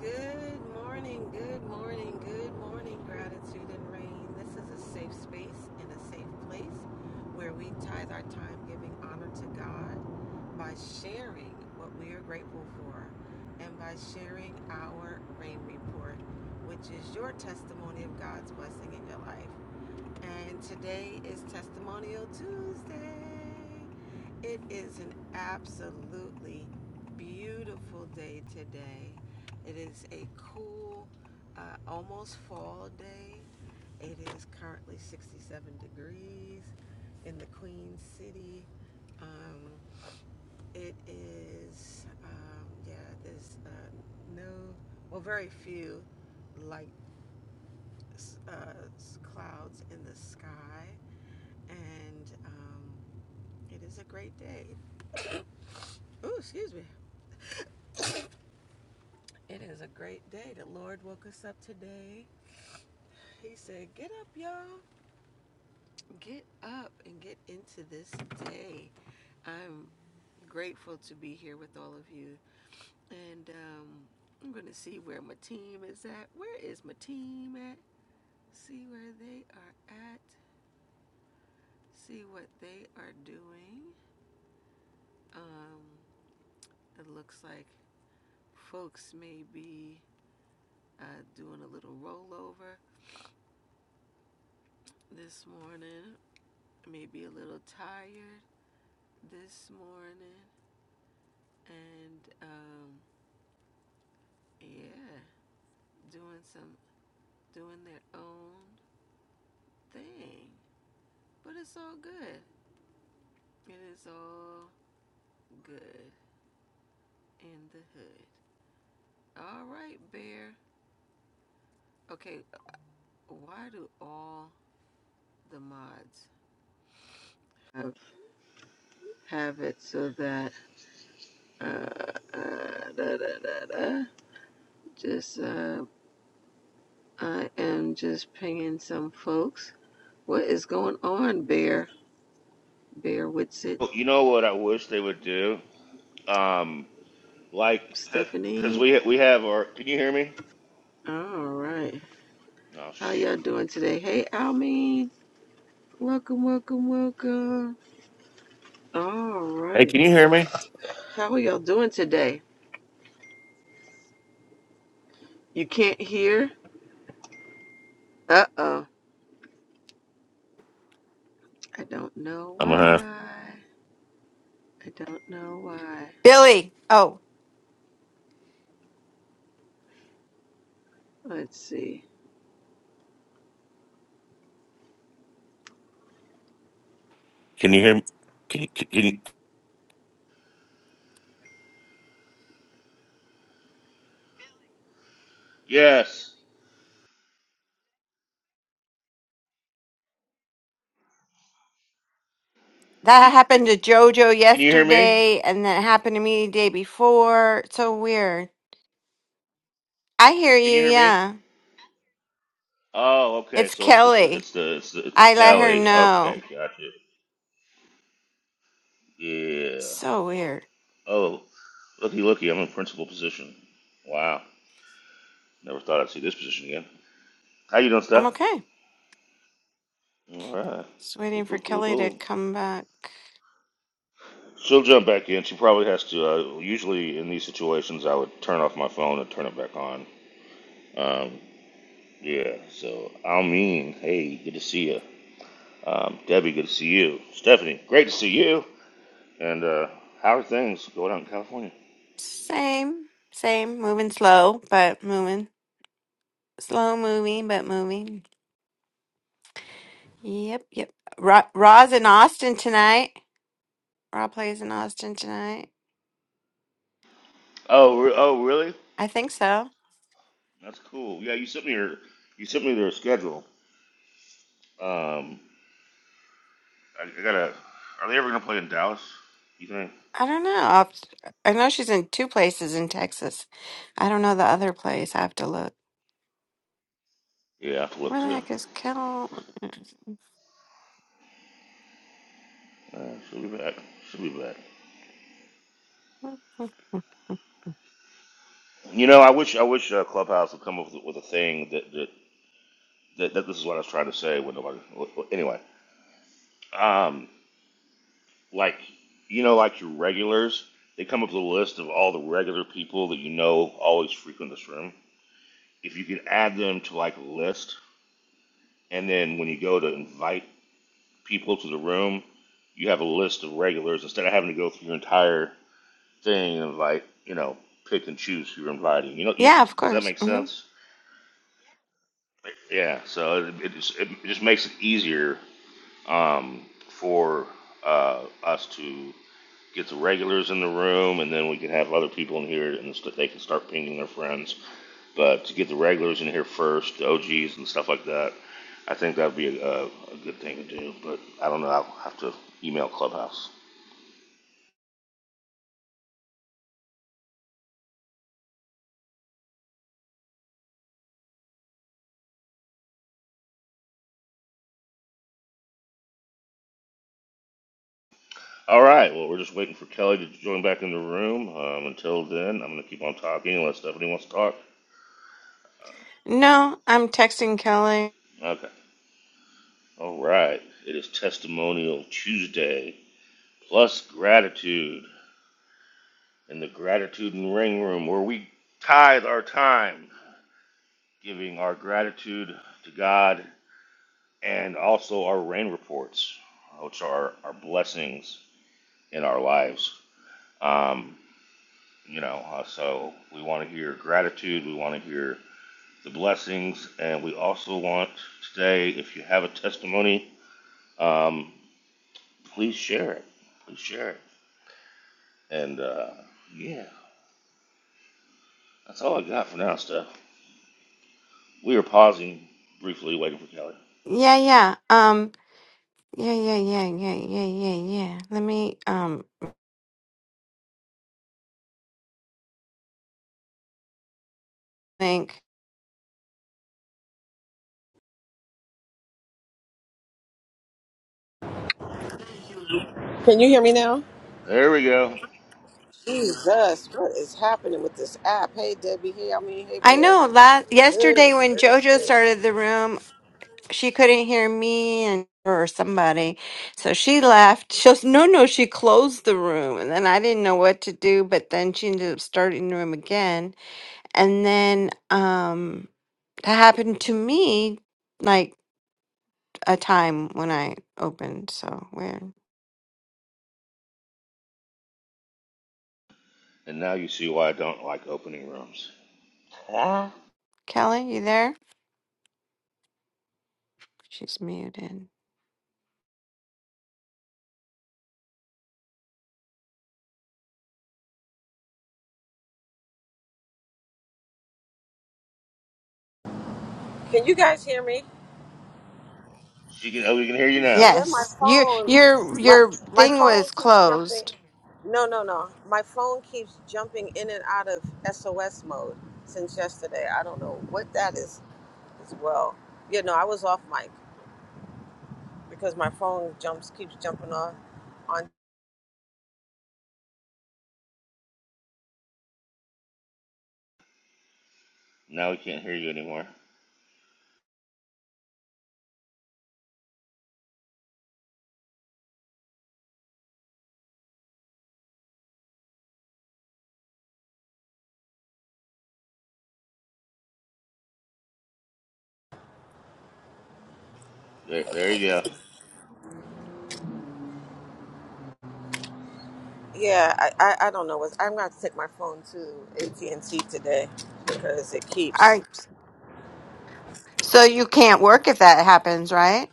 Good morning, good morning, good morning, gratitude and rain. This is a safe space and a safe place where we tithe our time giving honor to God by sharing what we are grateful for and by sharing our rain report, which is your testimony of God's blessing in your life. And today is Testimonial Tuesday. It is an absolutely beautiful day today. It is a cool, uh, almost fall day. It is currently 67 degrees in the Queen City. Um, it is, um, yeah, there's uh, no, well, very few light uh, clouds in the sky. And um, it is a great day. Oh, excuse me. It is a great day. The Lord woke us up today. He said, Get up, y'all. Get up and get into this day. I'm grateful to be here with all of you. And um, I'm going to see where my team is at. Where is my team at? See where they are at. See what they are doing. Um, it looks like folks may be uh, doing a little rollover this morning, maybe a little tired this morning and um yeah doing some doing their own thing but it's all good it is all good in the hood all right bear okay why do all the mods have, it so that uh, uh da, da, da, da. just uh i am just pinging some folks what is going on bear bear wits Well, You know what I wish they would do? Um, like, cause stephanie we we have our. Can you hear me? All right. Oh How y'all shit. doing today? Hey, Almeen. Welcome, welcome, welcome. All Hey, right. can you hear me? How are y'all doing today? You can't hear? Uh oh. I don't know I'm gonna have. why. I don't know why. Billy, oh, Let's see. Can you hear me? Can, can, can you? Yes. that happened to JoJo Can you hear me? yesterday, and that happened to me the day before. It's so weird. I hear Can you you, hear me? yeah. Oh, okay. It's So it's it's the Kelly. it's the it's, the, it's I let her Ellie. Okay, know. gotcha. Yeah. So weird. Oh, looky looky. I'm in principal position. Wow. Never thought I'd see this position again. How you doing, I'm Steph? okay. All right. Just Cool, waiting for cool, cool, Kelly to cool. come back. She'll jump back in. She probably has to. Uh, usually in these situations, I would turn off my phone and turn it back on. Um, yeah. So Almeen, hey, good to see you. Um, Debbie, good to see you. Stephanie, great to see you. And uh, how are things going out in California? Same, same. Moving slow, but moving. Slow moving, but moving. Yep, yep. Ra- Ra's in Austin tonight. Ra plays in Austin tonight. Oh, re- oh, really? I think so. That's cool. Yeah, you sent me your, you sent me their schedule. Um, I, I gotta. Are they ever gonna play in Dallas? You think? I don't know. I'll, I know she's in two places in Texas. I don't know the other place. I have to look. Yeah, I have to Where look the too. heck is Cal? Uh, she'll be back. She'll be back. You know, I wish I wish uh, Clubhouse would come up with, with a thing that that, that that this is what I was trying to say when nobody. well, well, Anyway, um, like you know, like your regulars, they come up with a list of all the regular people that you know always frequent this room. If you could add them to like a list, and then when you go to invite people to the room, you have a list of regulars instead of having to go through your entire thing and invite, you know, pick and choose who you're inviting. You know, you, Yeah, of does that course. make hmm sense? Yeah, so it, it, just, it just makes it easier um, for uh, us to get the regulars in the room, and then we can have other people in here, and st- they can start pinging their friends. But to get the regulars in here first, the OGs and stuff like that, I think that'd be a, a, a good thing to do. But I don't know. I'll have to email Clubhouse. All right. Well, we're just waiting for Kelly to join back in the room. Um, until then, I'm gonna keep on talking unless Stephanie wants to talk. No, I'm texting Kelly. Okay. All right, it is Testimonial Tuesday plus gratitude in the Gratitude and Ring Room where we tithe our time giving our gratitude to God and also our rain reports, which are our blessings in our lives. Um, you know, uh, so we want to hear gratitude, we want to hear the blessings, and we also want today, if you have a testimony, um, please share it. Please share it. And uh, yeah, that's all I got for now, Steph. We were pausing briefly, waiting for Kelly. Yeah, yeah. um, Yeah, yeah, yeah, yeah, yeah, yeah, yeah. Let me um think. Can you hear me now? There we go. Jesus, what is happening with this app? Hey Debbie, hey I mean, hey I Bear. know last yesterday Good when JoJo gracious. started the room, she couldn't hear me and or somebody. So she left. She was, no, no, she closed the room and then I didn't know what to do, but then she ended up starting the room again. And then um that happened to me like a time when I opened. So weird. And now you see why I don't like opening rooms. Kelly, you there? She's muted. Can you guys hear me? She can, oh, we can hear you now. And then my Yes, your phone, your my your my thing phone was keeps jumping. closed. No, no, no. My phone keeps jumping in and out of SOS mode since yesterday. I don't know what that is as well. Yeah, no, I was off mic because my phone jumps keeps jumping off. On Now we can't hear you anymore. There, there you go. yeah, I I, I don't know what I'm gonna have to take my phone to AT and T today because it keeps. I so you can't work if that happens, right?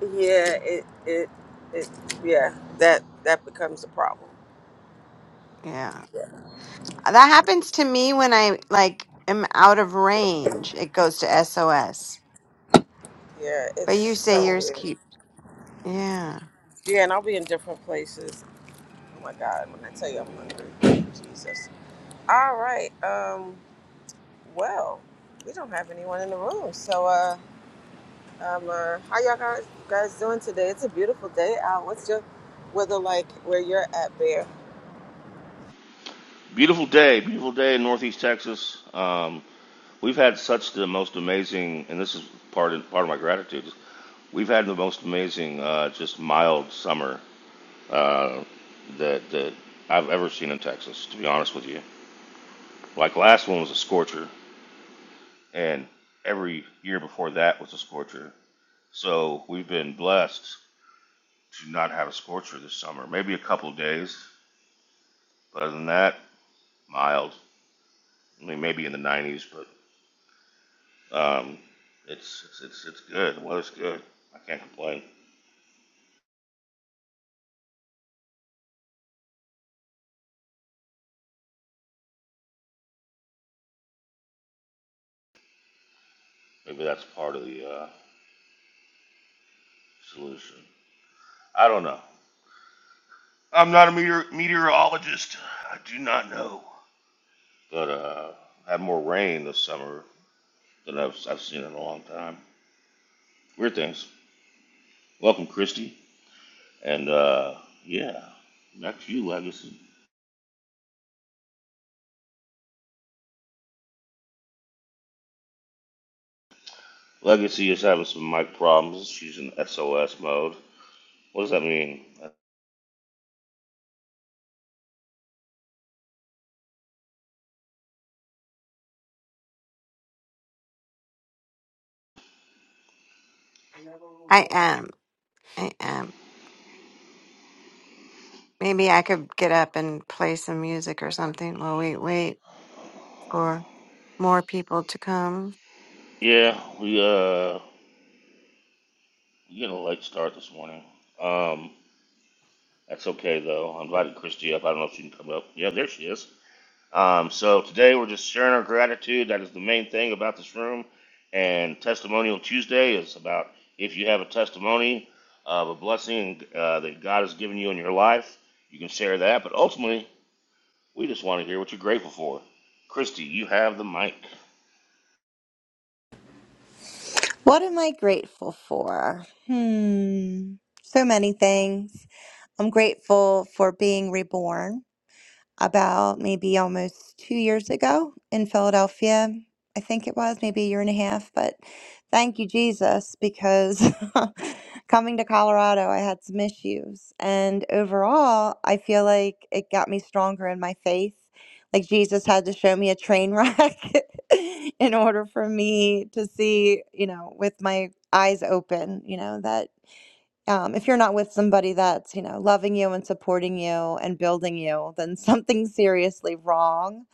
Yeah, it it it yeah that that becomes a problem. Yeah, Uh, that happens to me when I like am out of range. It goes to SOS. Yeah, it's But you say so yours weird. keep. Yeah, Yeah, and I'll be in different places. Oh my God, when I tell you I'm hungry, Jesus. All right. Um. Well, we don't have anyone in the room, so uh, um, uh, how y'all guys guys doing today? It's a beautiful day out. What's your weather like where you're at, Bear? Beautiful day, beautiful day in Northeast Texas. Um, we've had such the most amazing, and this is part of, part of my gratitude. We've had the most amazing, uh, just mild summer uh, that that I've ever seen in Texas. To be honest with you, like last one was a scorcher, and every year before that was a scorcher. So we've been blessed to not have a scorcher this summer. Maybe a couple of days, but other than that, mild. I mean, maybe in the 90s, but um, it's, it's it's it's good. The weather's good. I can't complain. Maybe that's part of the uh, solution. I don't know. I'm not a meteor- meteorologist. I do not know. But uh, I had more rain this summer than I've, I've seen in a long time. Weird things. Welcome, Christy. And uh, yeah, back to you, Legacy. Legacy is having some mic problems. She's in SOS mode. What does that mean? I am. I am. Maybe I could get up and play some music or something while we wait for more people to come. Yeah, we uh we got a late start this morning. Um, that's okay though. I invited Christy up. I don't know if she can come up. Yeah, there she is. Um, so today we're just sharing our gratitude. That is the main thing about this room. And Testimonial Tuesday is about if you have a testimony of a blessing uh, that God has given you in your life, you can share that. But ultimately, We just want to hear what you're grateful for. Christy, you have the mic. What am I grateful for? Hmm, so many things. I'm grateful for being reborn about maybe almost two years ago in Philadelphia. I think it was maybe a year and a half, but thank you, Jesus, because coming to Colorado, I had some issues. And overall, I feel like it got me stronger in my faith. Like Jesus had to show me a train wreck in order for me to see, you know, with my eyes open, you know, that um, if you're not with somebody that's, you know, loving you and supporting you and building you, then something's seriously wrong.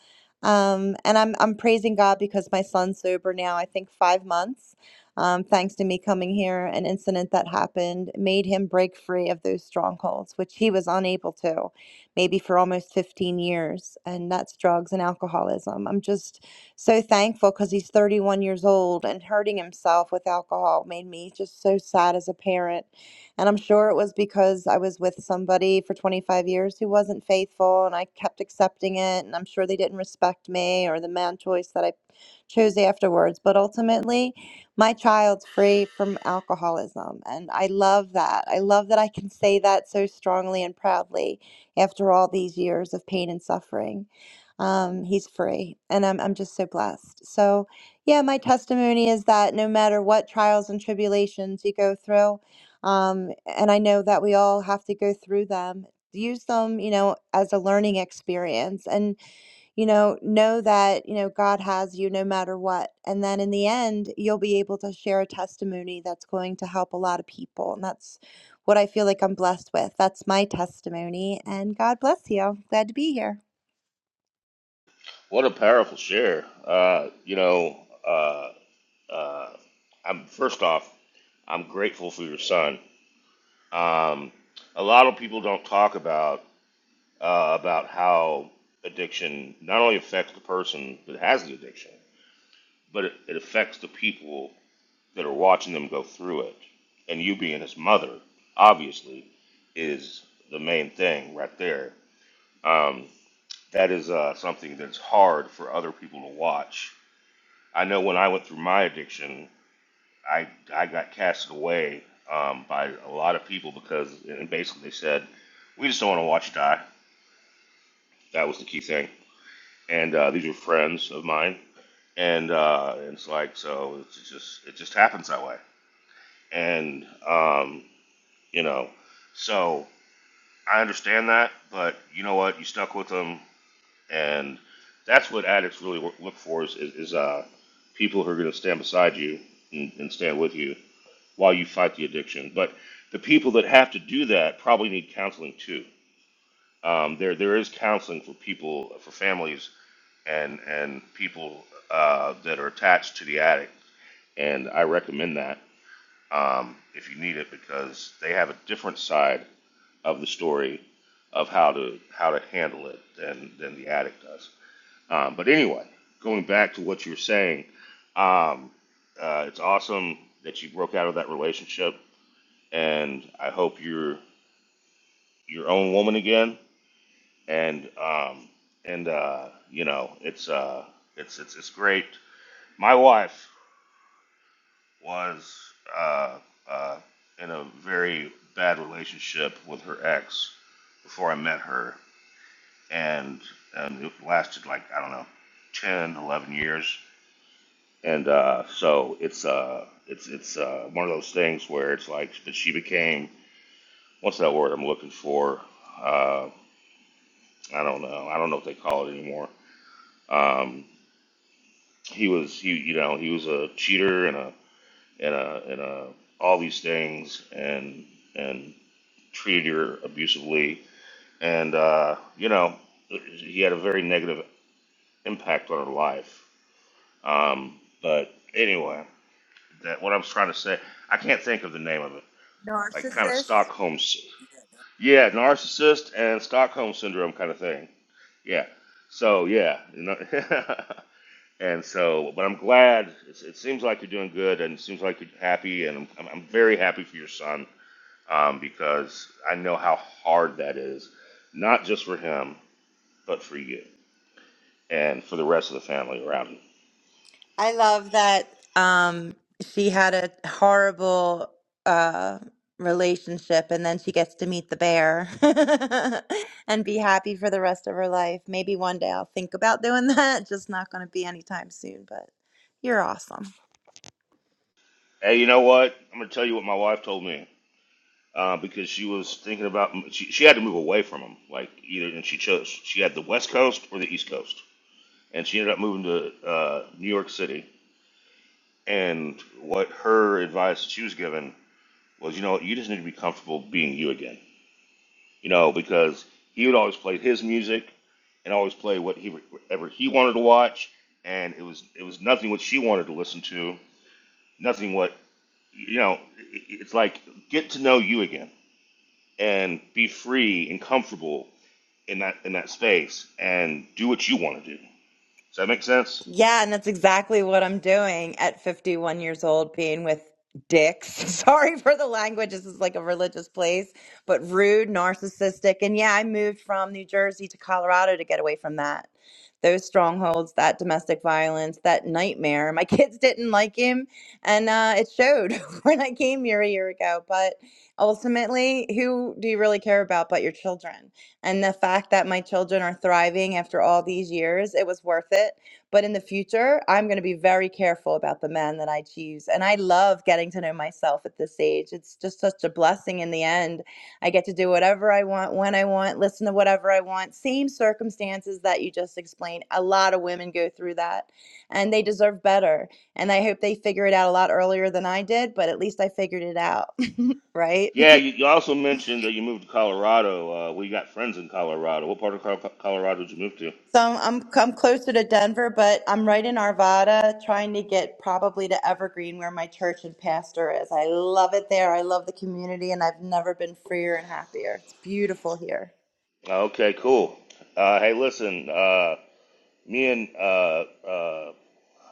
Um, and I'm I'm praising God because my son's sober now, I think five months. Um, thanks to me coming here, an incident that happened made him break free of those strongholds, which he was unable to, maybe for almost 15 years. And that's drugs and alcoholism. I'm just so thankful because he's 31 years old and hurting himself with alcohol made me just so sad as a parent and I'm sure it was because I was with somebody for 25 years who wasn't faithful and I kept accepting it. And I'm sure they didn't respect me or the man choice that I chose afterwards. But ultimately, my child's free from alcoholism. And I love that. I love that I can say that so strongly and proudly after all these years of pain and suffering. Um, he's free. And I'm, I'm just so blessed. So, yeah, my testimony is that no matter what trials and tribulations you go through, um, and I know that we all have to go through them. Use them, you know, as a learning experience and, you know, know that, you know, God has you no matter what. And then in the end, you'll be able to share a testimony that's going to help a lot of people. And that's what I feel like I'm blessed with. That's my testimony. And God bless you. Glad to be here. What a powerful share. Uh, you know, uh, I'm first off, I'm grateful for your son. Um, a lot of people don't talk about uh, about how addiction not only affects the person that has the addiction, but it, it affects the people that are watching them go through it. And you being his mother, obviously, is the main thing right there. Um, that is uh, something that's hard for other people to watch. I know when I went through my addiction, I I got casted away um, by a lot of people because and basically they said, we just don't want to watch you die. That was the key thing. And uh, these were friends of mine, and uh, it's like so it's just it just happens that way. And um, you know, so I understand that, but you know what? You stuck with them And that's what addicts really wo- look for is, is, is uh, people who are going to stand beside you and, and stand with you while you fight the addiction. But the people that have to do that probably need counseling too. Um, there, there is counseling for people, for families and, and people uh, that are attached to the addict. And I recommend that um, if you need it because they have a different side of the story of how to, how to handle it than, than the addict does. Um, but anyway, going back to what you were saying, um, uh, it's awesome that you broke out of that relationship, and I hope you're your own woman again. And um, and uh, you know, it's uh, it's it's it's great. My wife was uh, uh, in a very bad relationship with her ex before I met her, and and it lasted like I don't know, 10, 11 years and uh, so it's uh, it's it's uh, one of those things where it's like, but she became what's that word I'm looking for? Uh, I don't know. I don't know what they call it anymore. Um, he was he you know he was a cheater and a and a and a all these things and and treated her abusively and uh, you know he had a very negative impact on her life. Um, but anyway, that what I was trying to say, I can't think of the name of it like kind of Narcissist. Stockholm. Yeah, narcissist and Stockholm syndrome kind of thing. Yeah. So yeah, you know, and so, but I'm glad. It's, it seems like you're doing good, and it seems like you're happy, and I'm, I'm I'm very happy for your son um, because I know how hard that is, not just for him, but for you and for the rest of the family around him. I love that um, she had a horrible uh, relationship and then she gets to meet the bear and be happy for the rest of her life. Maybe one day I'll think about doing that. Just not going to be anytime soon, but you're awesome. Hey, you know what? I'm gonna tell you what my wife told me. uh, because she was thinking about she, she had to move away from him like either and she chose she had the west coast or the east coast and she ended up moving to uh, new york city and what her advice that she was given was you know what, you just need to be comfortable being you again you know because he would always play his music and always play what he whatever he wanted to watch and it was it was nothing what she wanted to listen to nothing what you know it- it's like get to know you again and be free and comfortable in that in that space and do what you want to do. Does that make sense? Yeah, and that's exactly what I'm doing at 51 years old, being with dicks. Sorry for the language. This is like a religious place, but rude, narcissistic. And yeah, I moved from New Jersey to Colorado to get away from that. Those strongholds, that domestic violence, that nightmare. My kids didn't like him, and uh, it showed when I came here a year ago. But ultimately, who do you really care about but your children? And the fact that my children are thriving after all these years, it was worth it but in the future, I'm going to be very careful about the man that I choose. And I love getting to know myself at this age. It's just such a blessing in the end. I get to do whatever I want, when I want, listen to whatever I want. Same circumstances that you just explained. A lot of women go through that and they deserve better. And I hope they figure it out a lot earlier than I did, but at least I figured it out, right? Yeah, you, you also mentioned that you moved to Colorado. Uh, we got friends in Colorado. What part of Col- Colorado did you move to? So I'm, I'm I'm closer to Denver, but I'm right in Arvada, trying to get probably to Evergreen, where my church and pastor is. I love it there. I love the community, and I've never been freer and happier. It's beautiful here. Uh, Okay, cool. Uh, hey, listen, uh, me and uh, uh,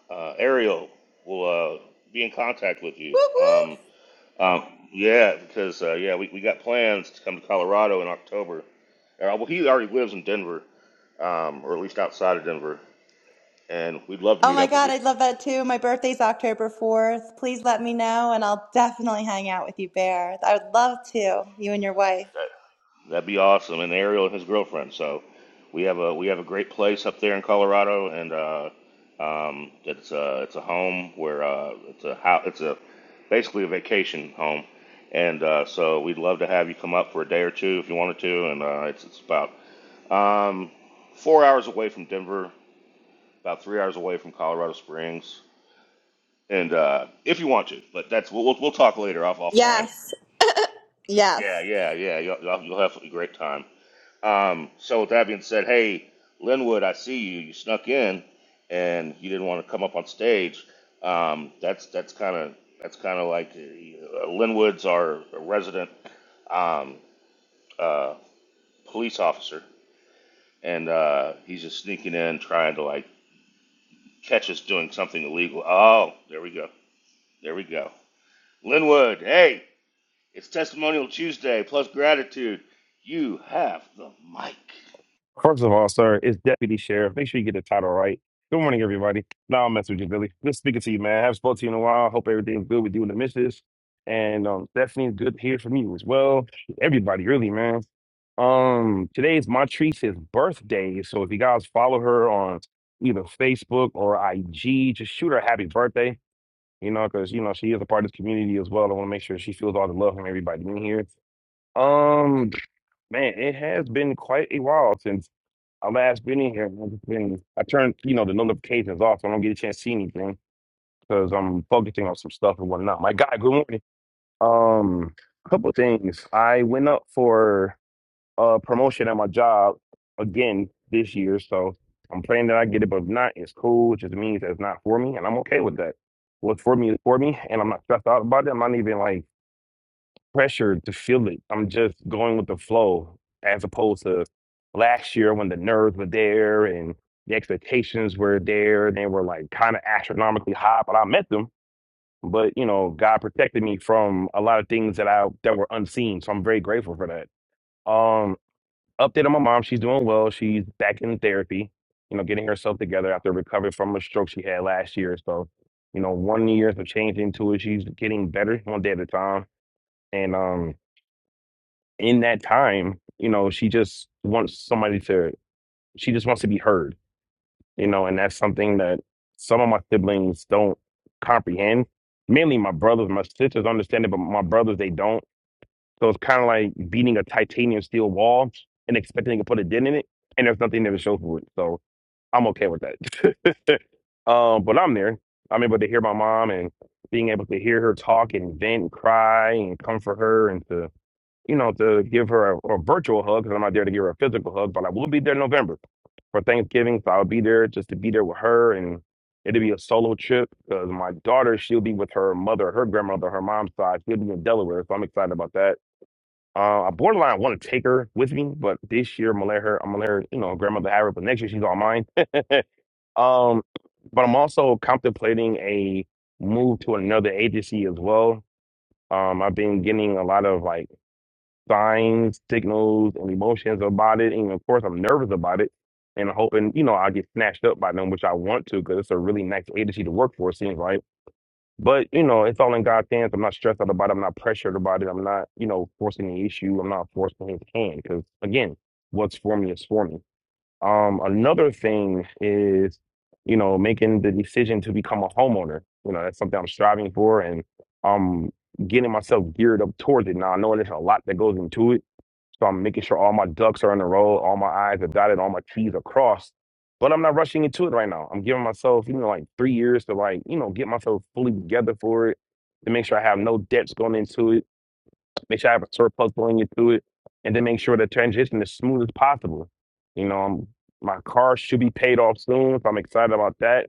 uh, Ariel will uh, be in contact with you. Woo woo! Um, um, yeah, because uh, yeah, we, we got plans to come to Colorado in October. Uh, well, he already lives in Denver, um, or at least outside of Denver, and we'd love to Oh meet my up with God, you. I would love that too. My birthday's October 4th. Please let me know, and I'll definitely hang out with you, Bear. I would love to, you and your wife. That'd be awesome. And Ariel and his girlfriend. So we have a we have a great place up there in Colorado, and uh, um, it's a it's a home where uh, it's a house, it's a basically a vacation home, and uh, so we'd love to have you come up for a day or two if you wanted to. And uh, it's it's about um, four hours away from Denver, about three hours away from Colorado Springs, and uh, if you want to, but that's we'll we'll, we'll talk later off offline. Yes, yes. Yeah, yeah, yeah. You'll, you'll you'll have a great time. Um, so with that being said, hey, Linwood, I see you. You snuck in, and you didn't want to come up on stage. Um, that's that's kind of that's kind of like uh, Linwood's our resident um, uh, police officer, and uh, he's just sneaking in, trying to like catch us doing something illegal. Oh, there we go, there we go. Linwood, hey, it's Testimonial Tuesday plus gratitude. You have the mic. First of all, sir, it's Deputy Sheriff. Make sure you get the title right. Good morning, everybody. No, i will mess with you, Billy. Good speaking to you, man. I haven't spoken to you in a while. Hope everything's good with you and the missus. And um, Stephanie, good to hear from you as well. Everybody, really, man. Um, today's is Montrice's birthday, so if you guys follow her on either Facebook or IG, just shoot her a happy birthday. You know, because you know she is a part of this community as well. I want to make sure she feels all the love from everybody in here. Um, man, it has been quite a while since. I last been in here. I've just been. I turned you know the notifications off, so I don't get a chance to see anything because I'm focusing on some stuff and whatnot. My guy, good morning. Um, couple things. I went up for a promotion at my job again this year, so I'm praying that I get it. But if not, it's cool. It just means that it's not for me, and I'm okay with that. What's for me is for me, and I'm not stressed out about it. I'm not even like pressure to feel it. I'm just going with the flow as opposed to last year when the nerves were there and the expectations were there. They were like kind of astronomically high, but I met them. But you know, God protected me from a lot of things that I that were unseen. So I'm very grateful for that. Um, update on my mom. She's doing well. She's back in therapy. You know, getting herself together after recovering from a stroke she had last year. So, you know, one year of change into it. She's getting better one day at a time. And um, in that time, you know, she just wants somebody to, she just wants to be heard, you know, and that's something that some of my siblings don't comprehend. Mainly my brothers, my sisters understand it, but my brothers, they don't. So it's kind of like beating a titanium steel wall and expecting to put a dent in it. And there's nothing there to show for it. So I'm okay with that. um, but I'm there. I'm able to hear my mom and being able to hear her talk and vent and cry and comfort her and to you know, to give her a, a virtual hug because I'm not there to give her a physical hug, but I will be there in November for Thanksgiving. So I'll be there just to be there with her. And it'll be a solo trip because my daughter, she'll be with her mother, her grandmother, her mom's side. She'll be in Delaware. So I'm excited about that. Uh, I borderline want to take her with me, but this year I'm gonna let her, I'm gonna let her, you know, grandmother have her, but next year she's on mine. Um, but I'm also contemplating a move to another agency as well. Um, I've been getting a lot of like, signs, signals, and emotions about it. And of course, I'm nervous about it and I'm hoping, you know, I get snatched up by them, which I want to because it's a really nice agency to work for, it seems like. But, you know, it's all in God's hands. I'm not stressed out about it. I'm not pressured about it. I'm not, you know, forcing the issue. I'm not forcing his hand because, again, what's for me is for me. Um, another thing is, you know, making the decision to become a homeowner. You know, that's something I'm striving for and um getting myself geared up towards it. Now I know there's a lot that goes into it so I'm making sure all my ducks are in a row, all my I's are dotted, all my T's are crossed. But I'm not rushing into it right now. I'm giving myself, you know, like three years to like, you know, get myself fully together for it, to make sure I have no debts going into it, make sure I have a surplus going into it, and then make sure the transition is smooth as possible. You know, I'm, my car should be paid off soon, so I'm excited about that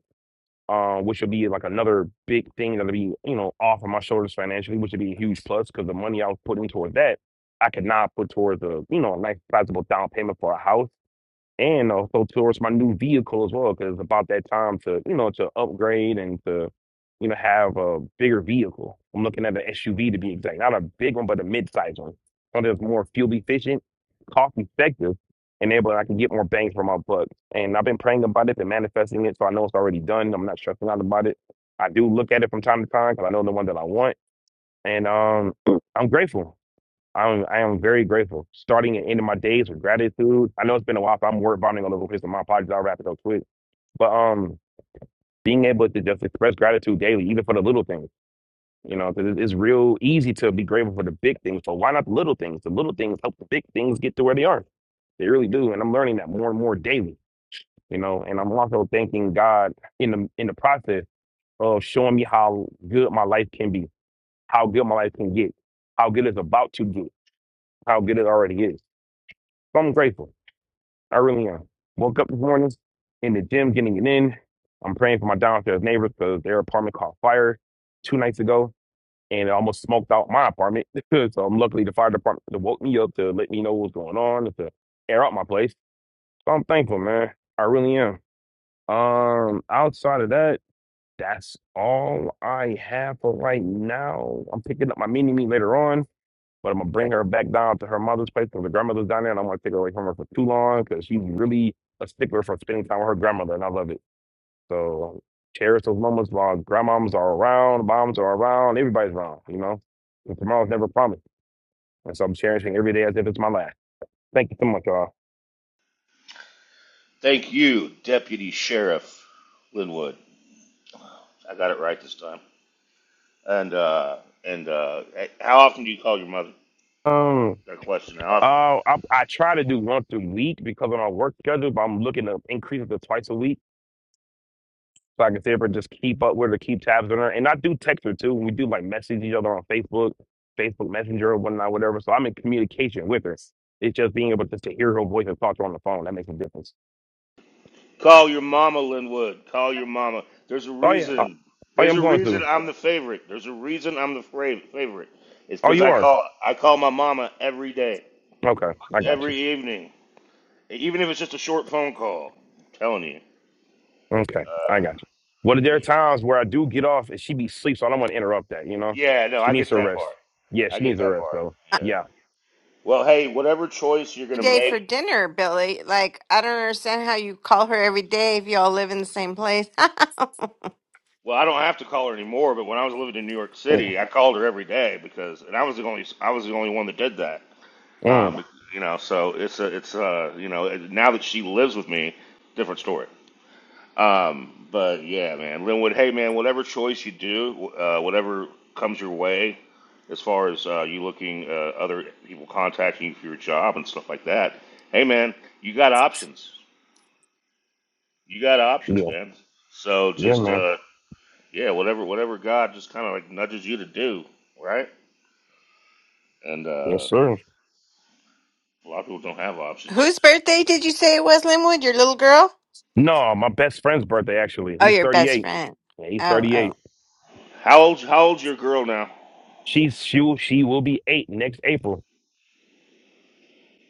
um, which would be like another big thing that'll be, you know, off of my shoulders financially, which would be a huge plus because the money I was putting towards that, I could now put towards a, you know, a nice sizable down payment for a house and also towards my new vehicle as well, because it's about that time to, you know, to upgrade and to, you know, have a bigger vehicle. I'm looking at an SUV to be exact, not a big one, but a mid-sized one. Something that's more fuel efficient, cost effective, and able I can get more bang for my buck. And I've been praying about it and manifesting it, so I know it's already done. I'm not stressing out about it. I do look at it from time to time because I know the one that I want, and um, I'm grateful. I'm I am very grateful. Starting and ending my days with gratitude. I know it's been a while, so I'm word vomiting all over the place, so my apologies. I'll wrap it up quick. But um, being able to just express gratitude daily, even for the little things, you know, because it's real easy to be grateful for the big things. So why not the little things? The little things help the big things get to where they are. They really do, and I'm learning that more and more daily. You know, and I'm also thanking God in the in the process of showing me how good my life can be, how good my life can get, how good it's about to get, how good it already is. So I'm grateful. I really am. Woke up this morning in the gym, getting it in. I'm praying for my downstairs neighbors because their apartment caught fire two nights ago and it almost smoked out my apartment. so I'm luckily the fire department woke me up to let me know what's going on and to air out my place. So I'm thankful, man. I really am. Um, outside of that, that's all I have for right now. I'm picking up my mini me later on. But I'm gonna bring her back down to her mother's place because her grandmother's down there, and I don't want to take her away from her for too long because she's really a stickler for spending time with her grandmother, and I love it. So cherish those moments while grandmoms are around, moms are around, everybody's around, you know. And tomorrow's never promised, and so I'm cherishing every day as if it's my last. Thank you so much, y'all. Thank you, Deputy Sheriff Linwood. I got it right this time. And uh, and uh, how often do you call your mother? Um, That question. How often? uh, I, I try to do once a week because of my work schedule, but I'm looking to increase it to twice a week so I can stay up and just keep up with her, keep tabs on her, and I do text her too. And we do like message each other on Facebook, Facebook Messenger or whatnot, whatever. So I'm in communication with her. It's just being able to, to hear her voice and talk to her on the phone that makes a difference. Call your mama, Linwood. Call your mama. There's a Oh yeah, uh, reason. oh yeah, There's I'm a going reason through. I'm the favorite. There's a reason I'm the fra- favorite. It's Oh, because you I are call I call my mama every day, okay. I got you. every evening, even if it's just a short phone call. I'm telling you. Okay, I Uh, got you. Well, there are yeah. times where I do get off and she be asleep, so I don't want to interrupt that. You know, Yeah. No, she I needs get her that part. rest. Yeah, I she get needs her that rest. part. though. Yeah. yeah, Well, hey, whatever choice you're every gonna day make, for dinner, Billy. Like, I don't understand how you call her every day if y'all live in the same place. Well, I don't have to call her anymore, but when I was living in New York Mm. City, I called her every day because, and I was the only, I was the only one that did that. Mm. Um, you know, so it's a, it's a, you know, now that she lives with me, different story. Um, but yeah, man, Linwood, hey man, whatever choice you do, uh, whatever comes your way, as far as uh, you looking, uh, other people contacting you for your job and stuff like that, hey man, you got options. You got options, yeah, man. So yeah, just man. uh, yeah, whatever whatever God just kind of like nudges you to do, right? And Yes, uh, sir. a lot of people don't have options. Whose birthday did you say it was, Linwood? Your little girl? No, my best friend's birthday actually. Oh, He's your best 38. friend. Yeah, he's Oh, oh. 38. How old how old's your girl now? She's she will she will be eight next April.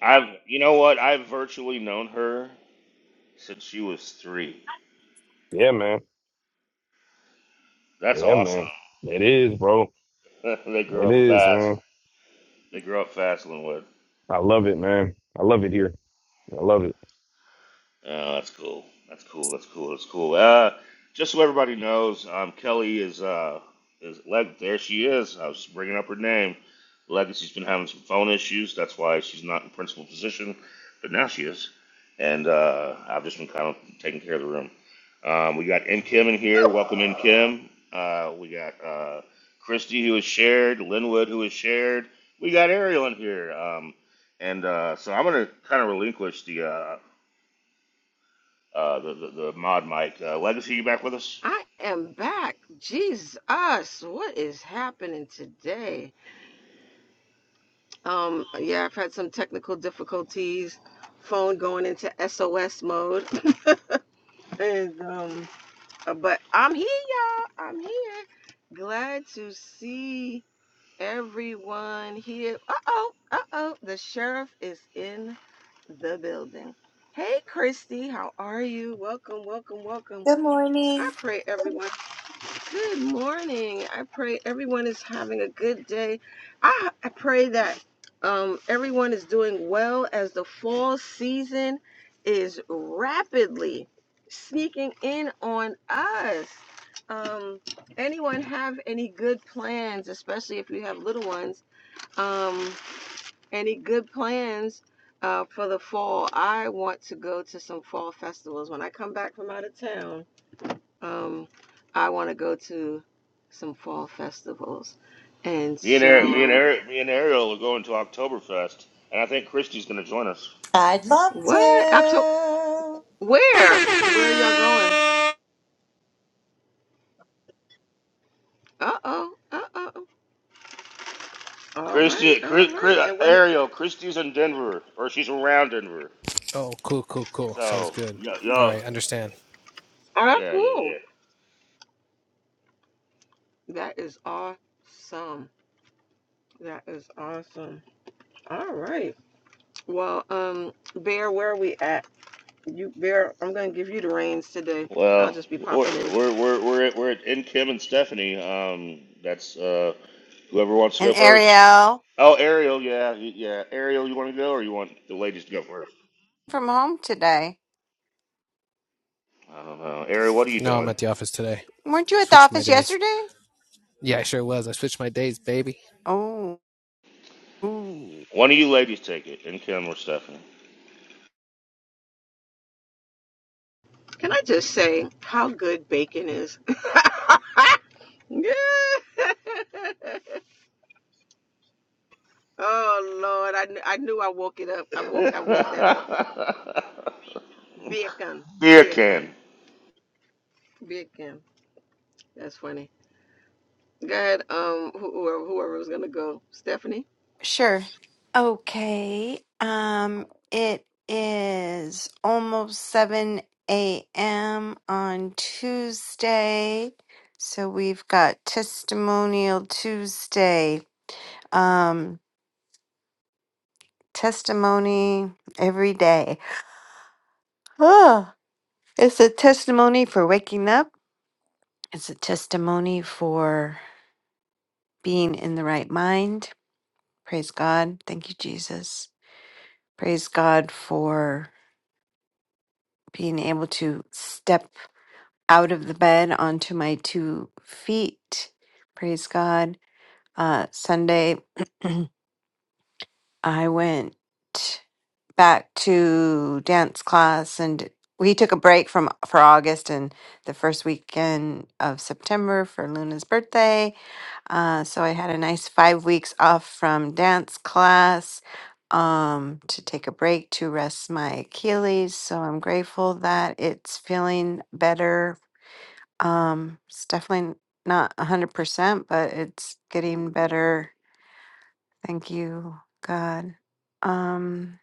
I've you know what? I've virtually known her since she was three. Yeah, man. That's Yeah, awesome. man. It is, bro. they grow It up is, fast. man. They grow up fast, Linwood. I love it, man. I love it here. I love it. Oh, that's cool. That's cool. That's cool. That's cool. Uh, just so everybody knows, um, Kelly is uh, is leg. There she is. I was just bringing up her name. Legacy's been having some phone issues. That's why she's not in principal position, but now she is. And uh, I've just been kind of taking care of the room. Um, we got M Kim in here. Welcome in Kim. Uh, we got uh, Christy who is shared. Linwood who is shared. We got Ariel in here. Um, and uh, so I'm going to kind of relinquish the. Uh, uh, the, the the mod mic. Uh, Legacy, you back with us? I am back. Jesus, what is happening today? Um, yeah, I've had some technical difficulties, phone going into SOS mode, and um, Uh, But I'm here, y'all. I'm here. Glad to see everyone here. Uh oh, uh oh. The sheriff is in the building. Hey, Christy, how are you? Welcome, welcome, welcome. Good I morning. pray everyone. Good morning. I pray everyone is having a good day. I, I pray that um, everyone is doing well as the fall season is rapidly sneaking in on us. Um, anyone have any good plans, especially if you have little ones? Um, any good plans uh, for the fall? I want to go to some fall festivals when I come back from out of town. Um, I want to go to some fall festivals. And Me and so, Eric, me and yeah. Eric, me and Ariel are going to Oktoberfest, and I think Christy's going to join us. I'd love what? October? to. Where? Where are y'all going? Uh oh. Uh oh. All right. Christy, All Chris, right. Chris, And when? Ariel, Christy's in Denver, or she's around Denver. So y- y'all, Oh, that's yeah, yeah, yeah. cool. That is awesome. That is awesome. All right. Well, um, Bear, where are we at? You, Bear, I'm gonna give you the reins today. I'll Well, just be popping in. we're we're we're we're at, we're at in Kim and Stephanie. Um, that's uh, whoever wants to And go first. Ariel Oh, Ariel, yeah, y- yeah. Ariel, you want to go, or you want the ladies to go first? from home today. I don't know. Ariel, what are you doing? Weren't you at the office yesterday? Oh. ooh. One of you ladies take it, and Kim or Stephanie. Can I just say how good bacon is? Yeah. oh Lord, I knew I knew I woke it up. I woke I woke that up. Bacon, Beer bacon, can. bacon. That's funny. Go ahead. Um, who- whoever whoever was gonna go, Stephanie. Sure. Okay. Um, it is almost 7 a.m. on Tuesday. So we've got Testimonial Tuesday. Um, testimony every day. Oh, it's a testimony for waking up. It's a testimony for being in the right mind. Praise God. Thank you, Jesus. Praise God for being able to step out of the bed onto my two feet. Praise God. Uh, Sunday, I went back to dance class and we took a break from for August and the first weekend of September for Luna's birthday. Uh, so I had a nice five weeks off from dance class um, to take a break to rest my Achilles. So I'm grateful that it's feeling better Um, it's definitely not a hundred percent, but it's getting better. Thank you, God. Um,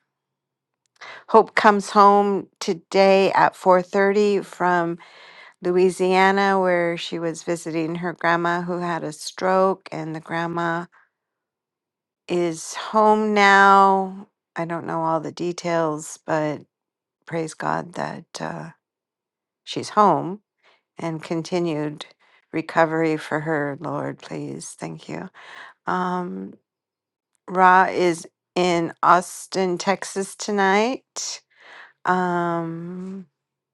Hope comes home today at four thirty from Louisiana, where she was visiting her grandma who had a stroke, and the grandma is home now. I don't know all the details, but praise God that uh, she's home and continued recovery for her. Lord, please, thank you. Um, Ra is in Austin, Texas tonight. Um,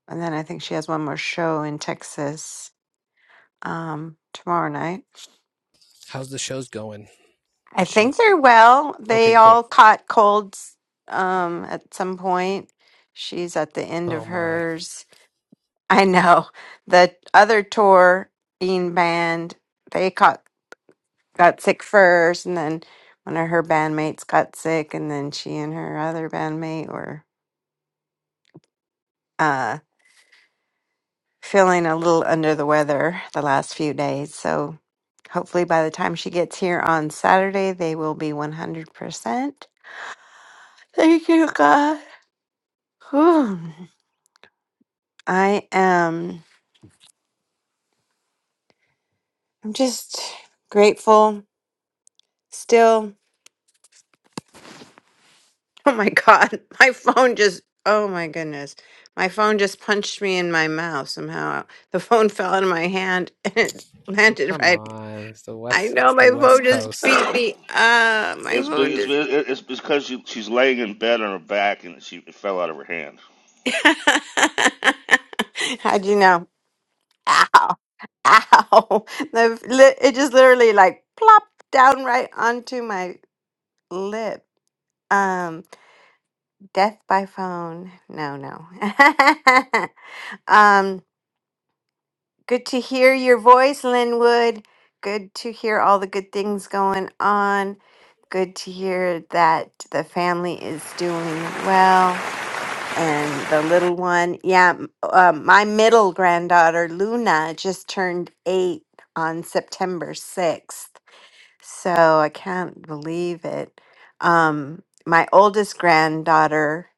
and then I think she has one more show in Texas um, tomorrow night. I think they're well. They all caught colds um, at some point. She's at the end of hers. I know the other touring Band, they caught got sick first, and then one of her bandmates got sick, and then she and her other bandmate were uh, feeling a little under the weather the last few days. So hopefully by the time she gets here on Saturday, they will be 100%. Thank you, God. Whew. I am I'm just grateful still. Oh my God. My phone just, oh my goodness. My phone just punched me in my mouth somehow. The phone fell out of my hand and it landed right. I know my phone just beat me up. My It's, be- phone it's, just be- it's because you, she's laying in bed on her back and she it fell out of her hand. How'd you know? Ow, ow. The, li- it just literally like plopped down right onto my lip. Um, death by phone. No, no. um, good to hear your voice, Linwood. Good to hear all the good things going on. Good to hear that the family is doing well. and the little one yeah m- uh, my middle granddaughter luna just turned eight on september 6th so i can't believe it um, my oldest granddaughter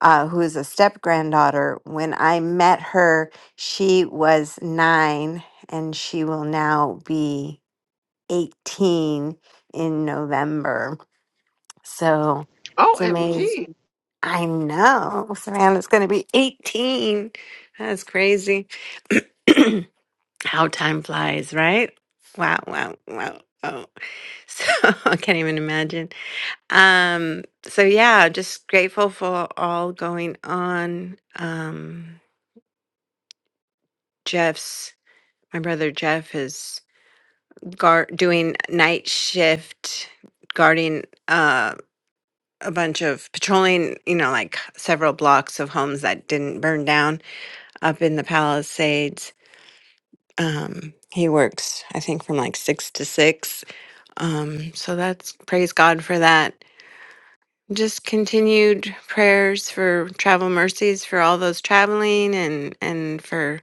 uh, who is a step granddaughter when i met her she was nine and she will now be 18 in november so it's OMG. amazing. I know, Savannah's going to be 18. That's crazy. How time flies, right? Wow, wow, wow. Oh, so I can't even imagine. Um, so yeah, just grateful for all going on. Um, Jeff's my brother Jeff is gar- doing night shift guarding. uh, a bunch of patrolling, you know, like several blocks of homes that didn't burn down up in the Palisades. Um, he works, I think, from like six to six. Um, so that's praise God for that. Just continued prayers for travel mercies for all those traveling and and for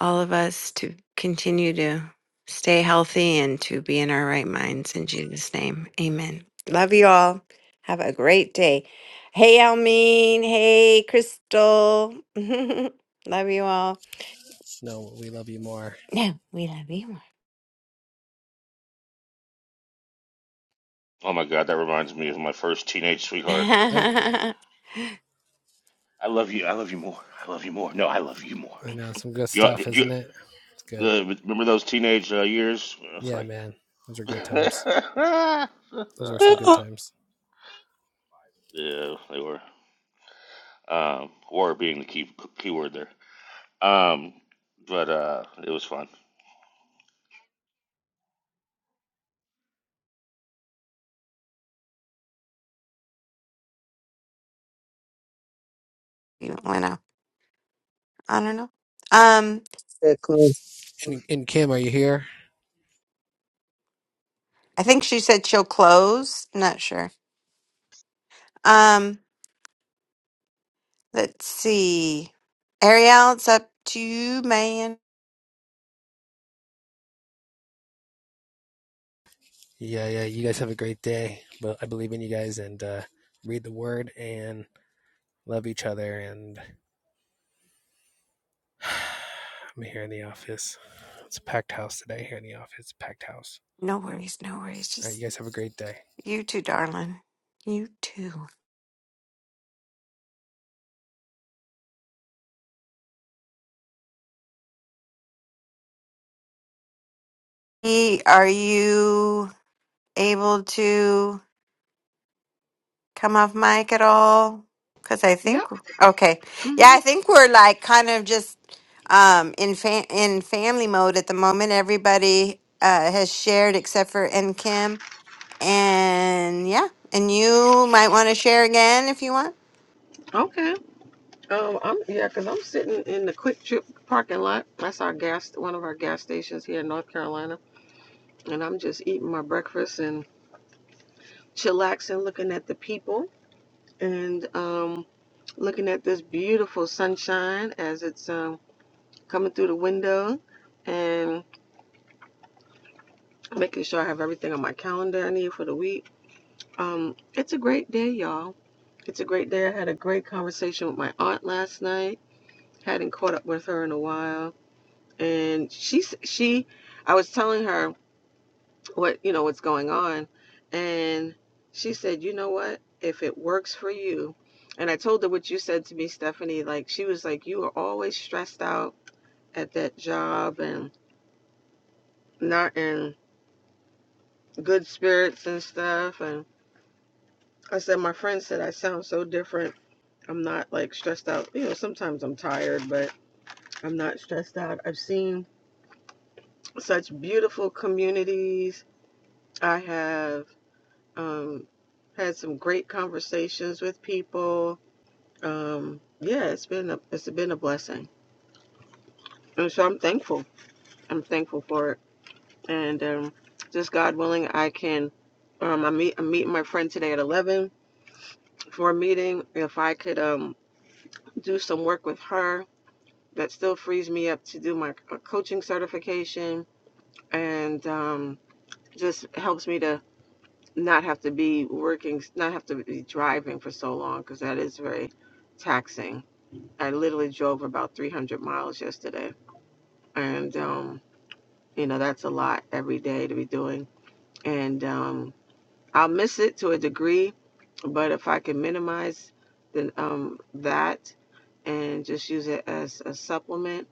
all of us to continue to stay healthy and to be in our right minds. In Jesus' name, amen. Love you all. Have a great day. Hey, Almeen. Hey, Crystal. love you all. No, we love you more. Oh my god, that reminds me of my first teenage sweetheart. I love you. I love you more. I love you more. No, I love you more. Do you, do you the, remember those teenage uh, years? It's like, yeah, they were. Um, "or" being the key key word there. Um, but uh, it was fun. you went out. I don't know. Um, That good I think she said she'll close. Not sure. Um, let's see. Ariel, it's up to you, man. No worries, no worries. Just You too, darling. You too. E, are you able to come off mic at all? Because I think Yep. okay, yeah, hmm I think we're like kind of just um in fa- in family mode at the moment. Everybody uh, has shared except for N Kim, and yeah, and you might want to share again if you want. Okay. Um, I'm yeah, cause I'm sitting in the Quick Trip parking lot. That's our gas, one of our gas stations here in North Carolina, and I'm just eating my breakfast and chillaxing, looking at the people. and um, looking at this beautiful sunshine as it's um, coming through the window and making sure I have everything on my calendar I need for the week. Um, it's a great day, y'all. It's a great day. I had a great conversation with my aunt last night. Hadn't caught up with her in a while, and she she, I was telling her what you know what's going on and she said you know what if it works for you and i told her what you said to me stephanie like she was like you are always stressed out at that job and not in good spirits and stuff and i said my friend said i sound so different i'm not like stressed out you know sometimes i'm tired but i'm not stressed out i've seen such beautiful communities i have um, had some great conversations with people um yeah it's been a it's been a blessing and so i'm thankful i'm thankful for it and um just god willing i can um i meet i'm meeting my friend today at 11 for a meeting if i could um do some work with her that still frees me up to do my coaching certification and um just helps me to not have to be working not have to be driving for so long because that is very taxing i literally drove about 300 miles yesterday and um, you know that's a lot every day to be doing and um, i'll miss it to a degree but if i can minimize then um, that and just use it as a supplement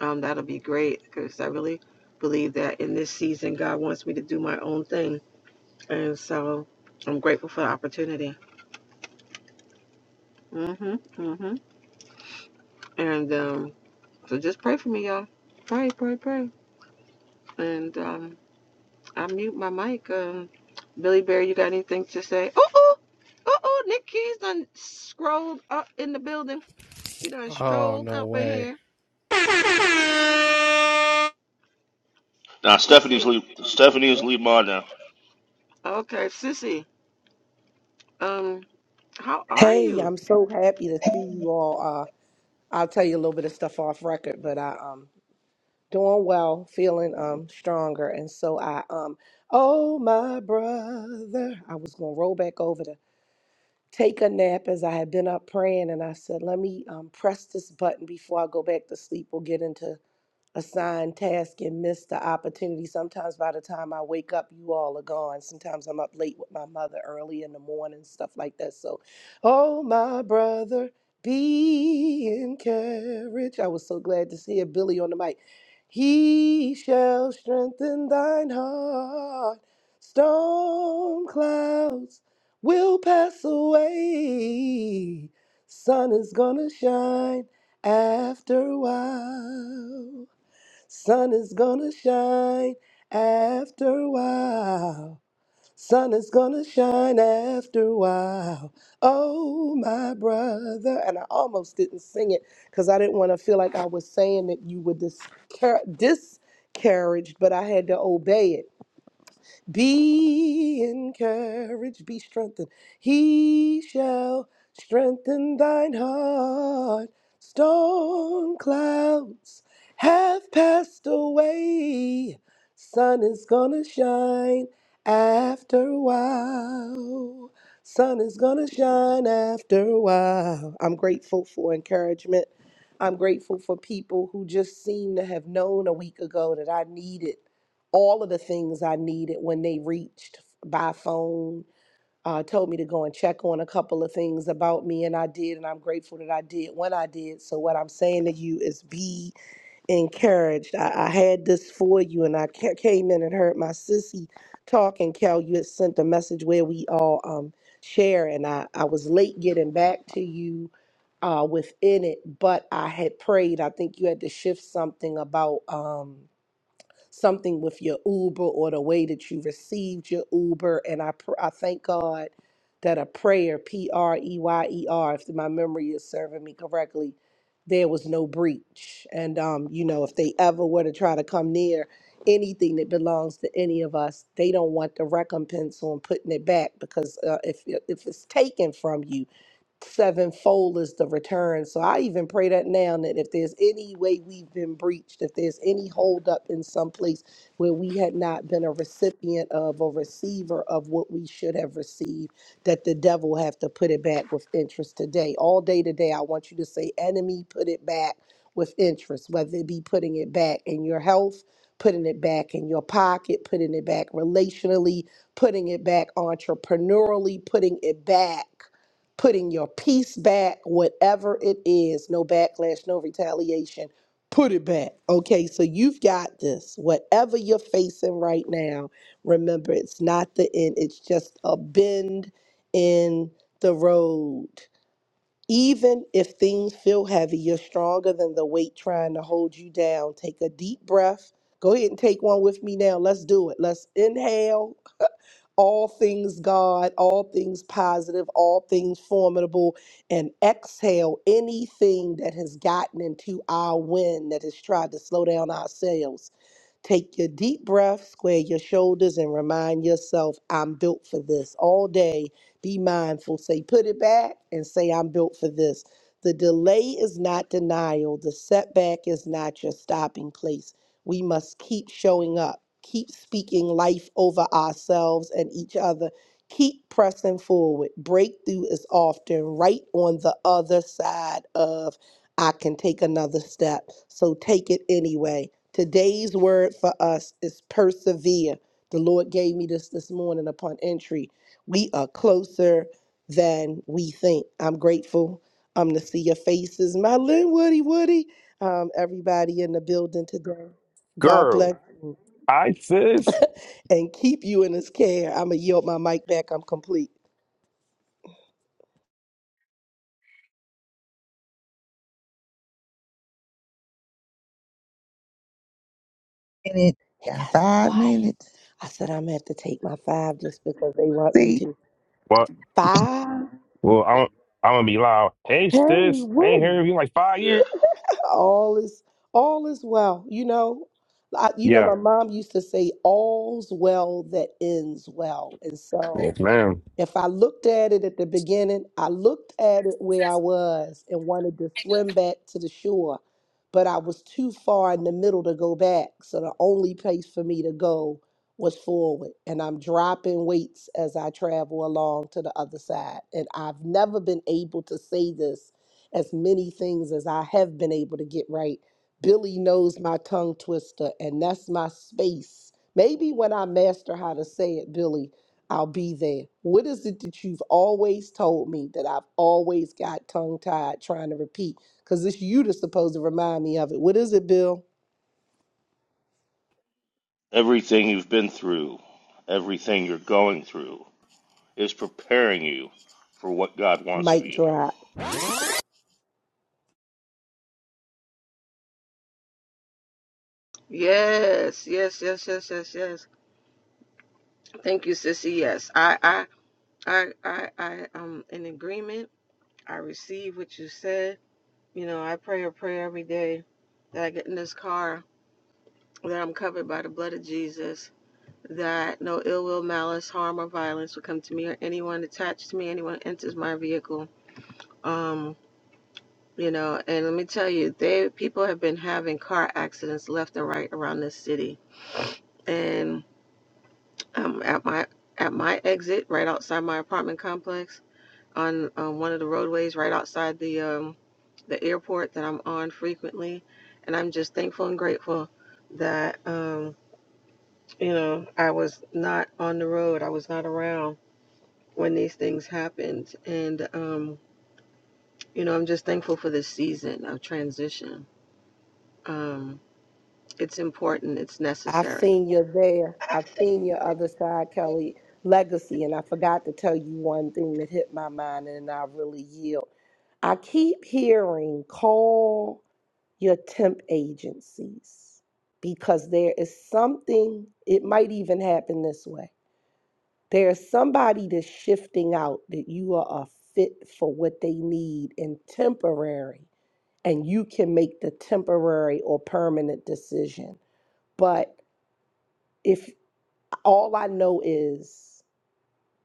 um, that'll be great because i really believe that in this season god wants me to do my own thing and so i'm grateful for the opportunity hmm hmm and um, so just pray for me y'all pray pray pray and um, I mute my mic. Um, Billy Bear, you got anything to say? Uh oh, uh oh, Nick Keys done scrolled up in the building. She done strolled up in here. Now Stephanie's Sissy, leave Stephanie's leave mine now. okay, Sissy. Um, how are Hey, you? I'm so happy to see you all. Uh, I'll tell you a little bit of stuff off record, but I um doing well, feeling um stronger, and so I um oh my brother, I was gonna roll back over to take a nap as I had been up praying, and I said let me um press this button before I go back to sleep. We'll get into assigned task and miss the opportunity. Sometimes by the time I wake up, you all are gone. Sometimes I'm up late with my mother early in the morning, stuff like that. So, oh, my brother, be encouraged. I was so glad to see Billy on the mic. He shall strengthen thine heart. Storm clouds will pass away. Sun is gonna shine after a while. Sun is gonna shine after a while. Sun is gonna shine after a while. Oh, my brother. And I almost didn't sing it because I didn't want to feel like I was saying that you were discar- discouraged, but I had to obey it be encouraged, be strengthened. He shall strengthen thine heart. Storm clouds have passed away. Sun is gonna shine after a while. Sun is gonna shine after a while. I'm grateful for encouragement. I'm grateful for people who just seem to have known a week ago that I needed all of the things I needed when they reached by phone. Uh, told me to go and check on a couple of things about me, and I did, and I'm grateful that I did when I did. So, what I'm saying to you is be encouraged. I, I had this for you, and I ca- came in and heard my sissy talk, and Cal, you had sent a message where we all um, share, and I, I was late getting back to you uh, within it, but I had prayed. I think you had to shift something about. Um, something with your Uber or the way that you received your Uber. And I, pr- I thank God that a prayer, P R E Y E R, if my memory is serving me correctly, there was no breach. And, um, you know, if they ever were to try to come near anything that belongs to any of us, they don't want the recompense on putting it back because uh, if, if it's taken from you, sevenfold is the return. So I even pray that now that if there's any way we've been breached, if there's any holdup in some place where we had not been a recipient of or receiver of what we should have received, that the devil have to put it back with interest today. All day today, I want you to say, enemy, put it back with interest, whether it be putting it back in your health, putting it back in your pocket, putting it back relationally, putting it back entrepreneurially, putting it back putting your peace back, whatever it is, no backlash, no retaliation, put it back. Okay, so you've got this. Whatever you're facing right now, remember it's not the end, it's just a bend in the road. Even if things feel heavy, you're stronger than the weight trying to hold you down. Take a deep breath. Go ahead and take one with me now. Let's do it. Let's inhale all things God, all things positive, all things formidable, and exhale anything that has gotten into our wind that has tried to slow down our sails. Take your deep breath, square your shoulders, and remind yourself, I'm built for this. All day, be mindful. Say, put it back and say, I'm built for this. The delay is not denial, the setback is not your stopping place. We must keep showing up. Keep speaking life over ourselves and each other. Keep pressing forward. Breakthrough is often right on the other side of I can take another step. So take it anyway. Today's word for us is persevere. The Lord gave me this this morning upon entry. We are closer than we think. I'm grateful um, to see your faces. My little Woody, Woody, um, everybody in the building today. God Girl, bless hi sis. and keep you in his care. I'm going to yield my mic back. I'm complete. minute. It Got got so five quiet. minutes. I said, I'm going to have to take my five just because they want me See, to. Well, Five? well, I'm I'm gonna be loud. Hey Hey, sis, I ain't heard Woody. of you in like five Yeah. years. All is, all is well. You know, I, you know, Yeah, my mom used to say, all's well that ends well. And so yes, ma'am. If I looked at it at the beginning, I looked at it where I was and wanted to swim back to the shore, but I was too far in the middle to go back. So the only place for me to go was forward. And I'm dropping weights as I travel along to the other side. And I've never been able to say this as many things as I have been able to get right. Billy knows my tongue twister, and that's my space. Maybe when I master how to say it, Billy, I'll be there. What is it that you've always told me that I've always got tongue tied trying to repeat? Because it's you that's supposed to remind me of it. What is it, Bill? Everything you've been through, everything you're going through, is preparing you for what God wants of Mic you. drop. Thank you. Yes, yes, yes, yes, yes, yes. Thank you, Sissy. Yes, I, I, I, I, I am in agreement. I receive what you said. You know, I pray a prayer every day that I get in this car that I'm covered by the blood of Jesus that no ill will, malice, harm, or violence will come to me or anyone attached to me, anyone enters my vehicle. Um, you know, and let me tell you, they people have been having car accidents left and right around this city. And um, at my at my exit, right outside my apartment complex, on um, one of the roadways, right outside the um, the airport that I'm on frequently, and I'm just thankful and grateful that um, you know I was not on the road, I was not around when these things happened. And, um, you know, I'm just thankful for this season of transition. Um, it's important, it's I've necessary. seen you there. I've seen your other side, Kelly, legacy. And I forgot to tell you one thing that hit my mind and I really yield. I keep hearing call your temp agencies because there is something, it might even happen this way There's somebody that's shifting out that you are a fit for what they need and temporary, and you can make the temporary or permanent decision. But if all I know is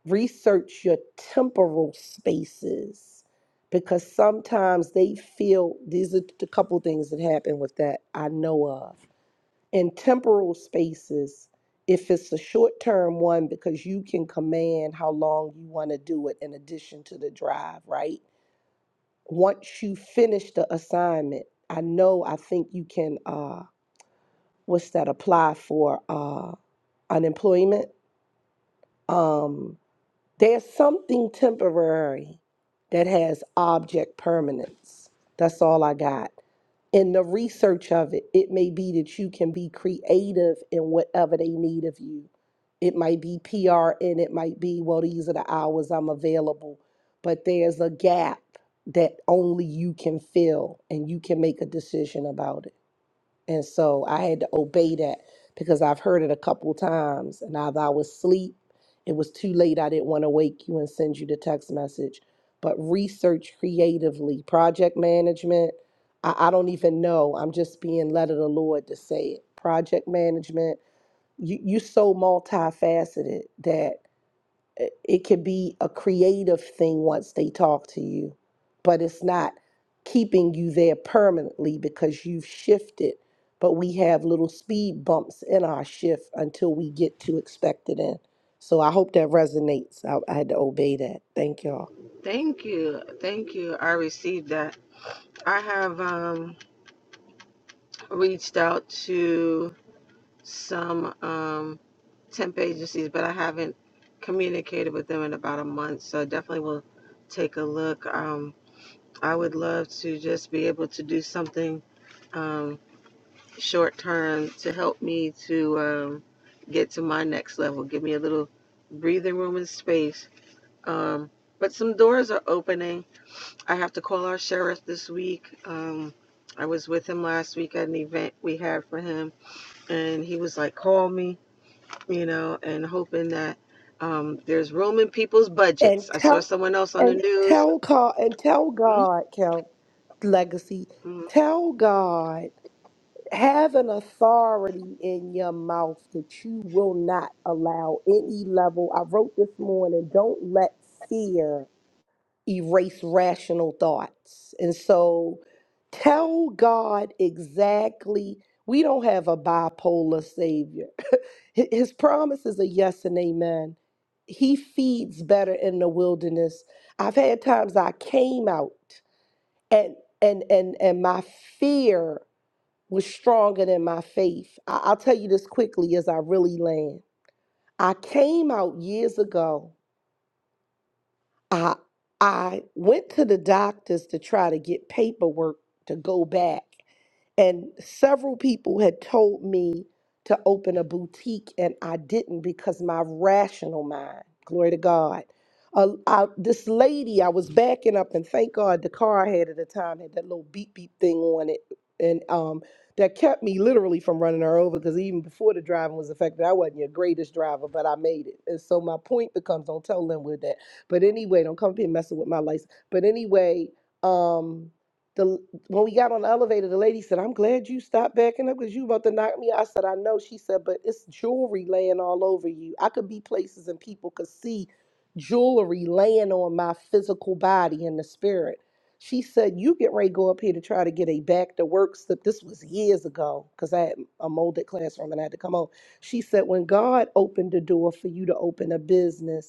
research your temporal spaces because sometimes they feel these are the couple things that happen with that I know of in temporal spaces if it's a short term one because you can command how long you want to do it in addition to the drive right once you finish the assignment i know i think you can uh what's that apply for uh unemployment um There's something temporary that has object permanence. That's all I got. In the research of it, it may be that you can be creative in whatever they need of you. It might be PR and it might be, well, these are the hours I'm available. But there's a gap that only you can fill and you can make a decision about it. And so I had to obey that because I've heard it a couple times. And either I was asleep, it was too late, I didn't want to wake you and send you the text message. But research creatively, project management, I, I don't even know. I'm just being led of the Lord to say it. Project management, you you so multifaceted that it it could be a creative thing once they talk to you, but it's not keeping you there permanently because you've shifted. But we have little speed bumps in our shift until we get to expected end. So I hope that resonates. I, I had to obey that. Thank y'all. Thank you. Thank you. I received that. I have um, reached out to some um, temp agencies, but I haven't communicated with them in about a month. So I definitely will take a look. Um, I would love to just be able to do something um, short term to help me to um, get to my next level. Give me a little breathing room and space. Um, but some doors are opening. I have to call our sheriff this week. Um, I was with him last week at an event we had for him, and he was like, "Call me," you know, and hoping that um, there's room in people's And budgets. I saw tell someone else on the and news. tell God and tell God, Kel, legacy. Mm-hmm. Tell God Have an authority in your mouth that you will not allow any level. I wrote this morning, don't let fear erase rational thoughts. And so tell God exactly. We don't have a bipolar savior. Hi- His promises are yes and amen. He feeds better in the wilderness. I've had times I came out and and and and my fear was stronger than my faith. I- I'll tell you this quickly as I really land. I came out years ago. I I went to the doctors to try to get paperwork to go back. And several people had told me to open a boutique, and I didn't because my rational mind, glory to God. Uh, I, this lady, I was backing up, and thank God the car I had at the time had that little beep beep thing on it. And um, that kept me literally from running her over because even before the driving was affected, I wasn't your greatest driver, but I made it. And so my point becomes don't tell Linwood that. But anyway, don't come up here messing with my license. But anyway, um, the when we got on the elevator, the lady said, I'm glad you stopped backing up because you about to knock me out. I said, I know. She said, but it's jewelry laying all over you. I could be places and people could see jewelry laying on my physical body and the spirit. She said, You get ready to go up here to try to get a back to work slip. This was years ago because I had a molded classroom and I had to come home. She said, When God opened the door for you to open a business,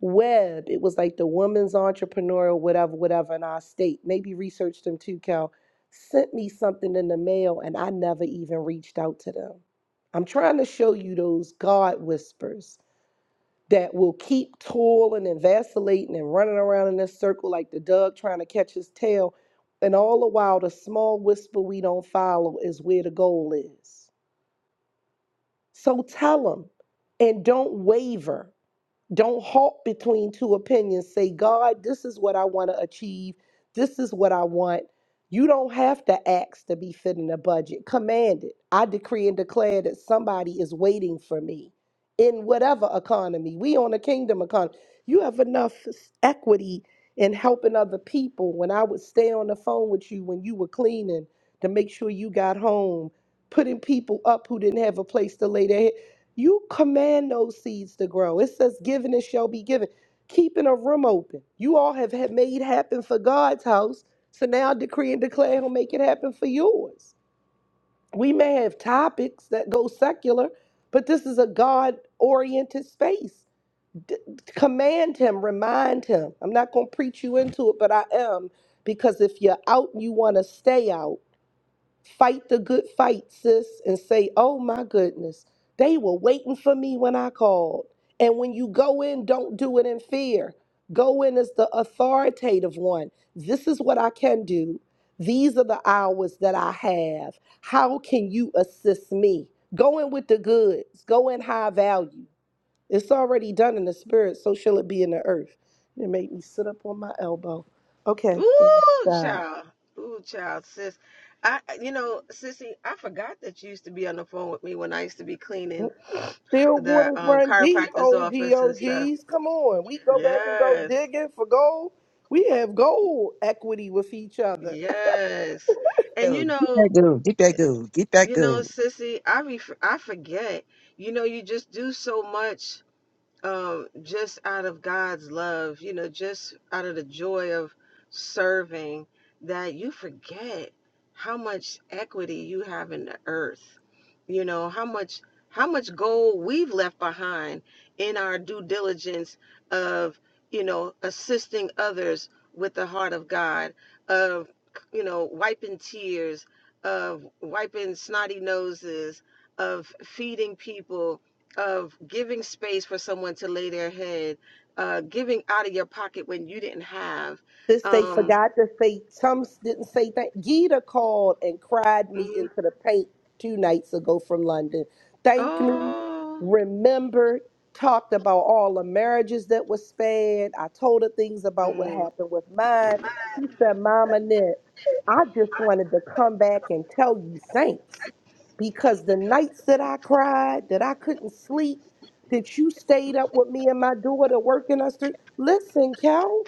Web, it was like the woman's entrepreneur, or whatever, whatever, in our state. Maybe research them too, Cal. Sent me something in the mail and I never even reached out to them. I'm trying to show you those God whispers that will keep toiling and vacillating and running around in this circle like the dog trying to catch his tail. And all the while, the small whisper we don't follow is where the goal is. So tell them and don't waver. Don't halt between two opinions. Say, God, this is what I want to achieve. This is what I want. You don't have to ask to be fit in a budget. Command it. I decree and declare that somebody is waiting for me in whatever economy. We on a kingdom economy. You have enough s- equity in helping other people. When I would stay on the phone with you when you were cleaning to make sure you got home, putting people up who didn't have a place to lay their head. You command those seeds to grow. It says, given it shall be given. Keeping a room open. You all have had made happen for God's house. So now decree and declare he'll make it happen for yours. We may have topics that go secular, but this is a God oriented space. D- command him, remind him. I'm not going to preach you into it, but I am because if you're out and you want to stay out, Fight the good fight, sis, and say, oh my goodness, they were waiting for me when I called. And when you go in, don't do it in fear. Go in as the authoritative one. This is what I can do. These are the hours that I have. How can you assist me? Go in with the goods, go in high value. It's already done in the spirit, so shall it be in the earth. It made me sit up on my elbow. Okay, let me Ooh, stop. child. Ooh, child, sis. I, you know, sissy, I forgot that you used to be on the phone with me when I used to be cleaning Still the waters um, run deep, chiropractor's OG office and stuff. OGs. Come on. We go back and go Yes, digging for gold. We have gold equity with each other. yes. And go you get that know, good. Get that good. Get that you know, good. sissy, I ref- I forget. You know, you just do so much um, just out of God's love, you know, just out of the joy of serving, that you forget how much equity you have in the earth. You know, how much how much gold we've left behind in our due diligence of, you know, assisting others with the heart of God, of you know, wiping tears, of wiping snotty noses, of feeding people, of giving space for someone to lay their head, uh, giving out of your pocket when you didn't have. This they Um, forgot to say, some didn't say that. Gita called and cried me mm, into the paint two nights ago from London. Thanked me, oh, remembered, talked about all the marriages that were spared. I told her things about what mm, happened with mine. She said, Mama Nick, I just wanted to come back and tell you thanks because the nights that I cried, that I couldn't sleep, that you stayed up with me and my daughter working us through. Listen, Cal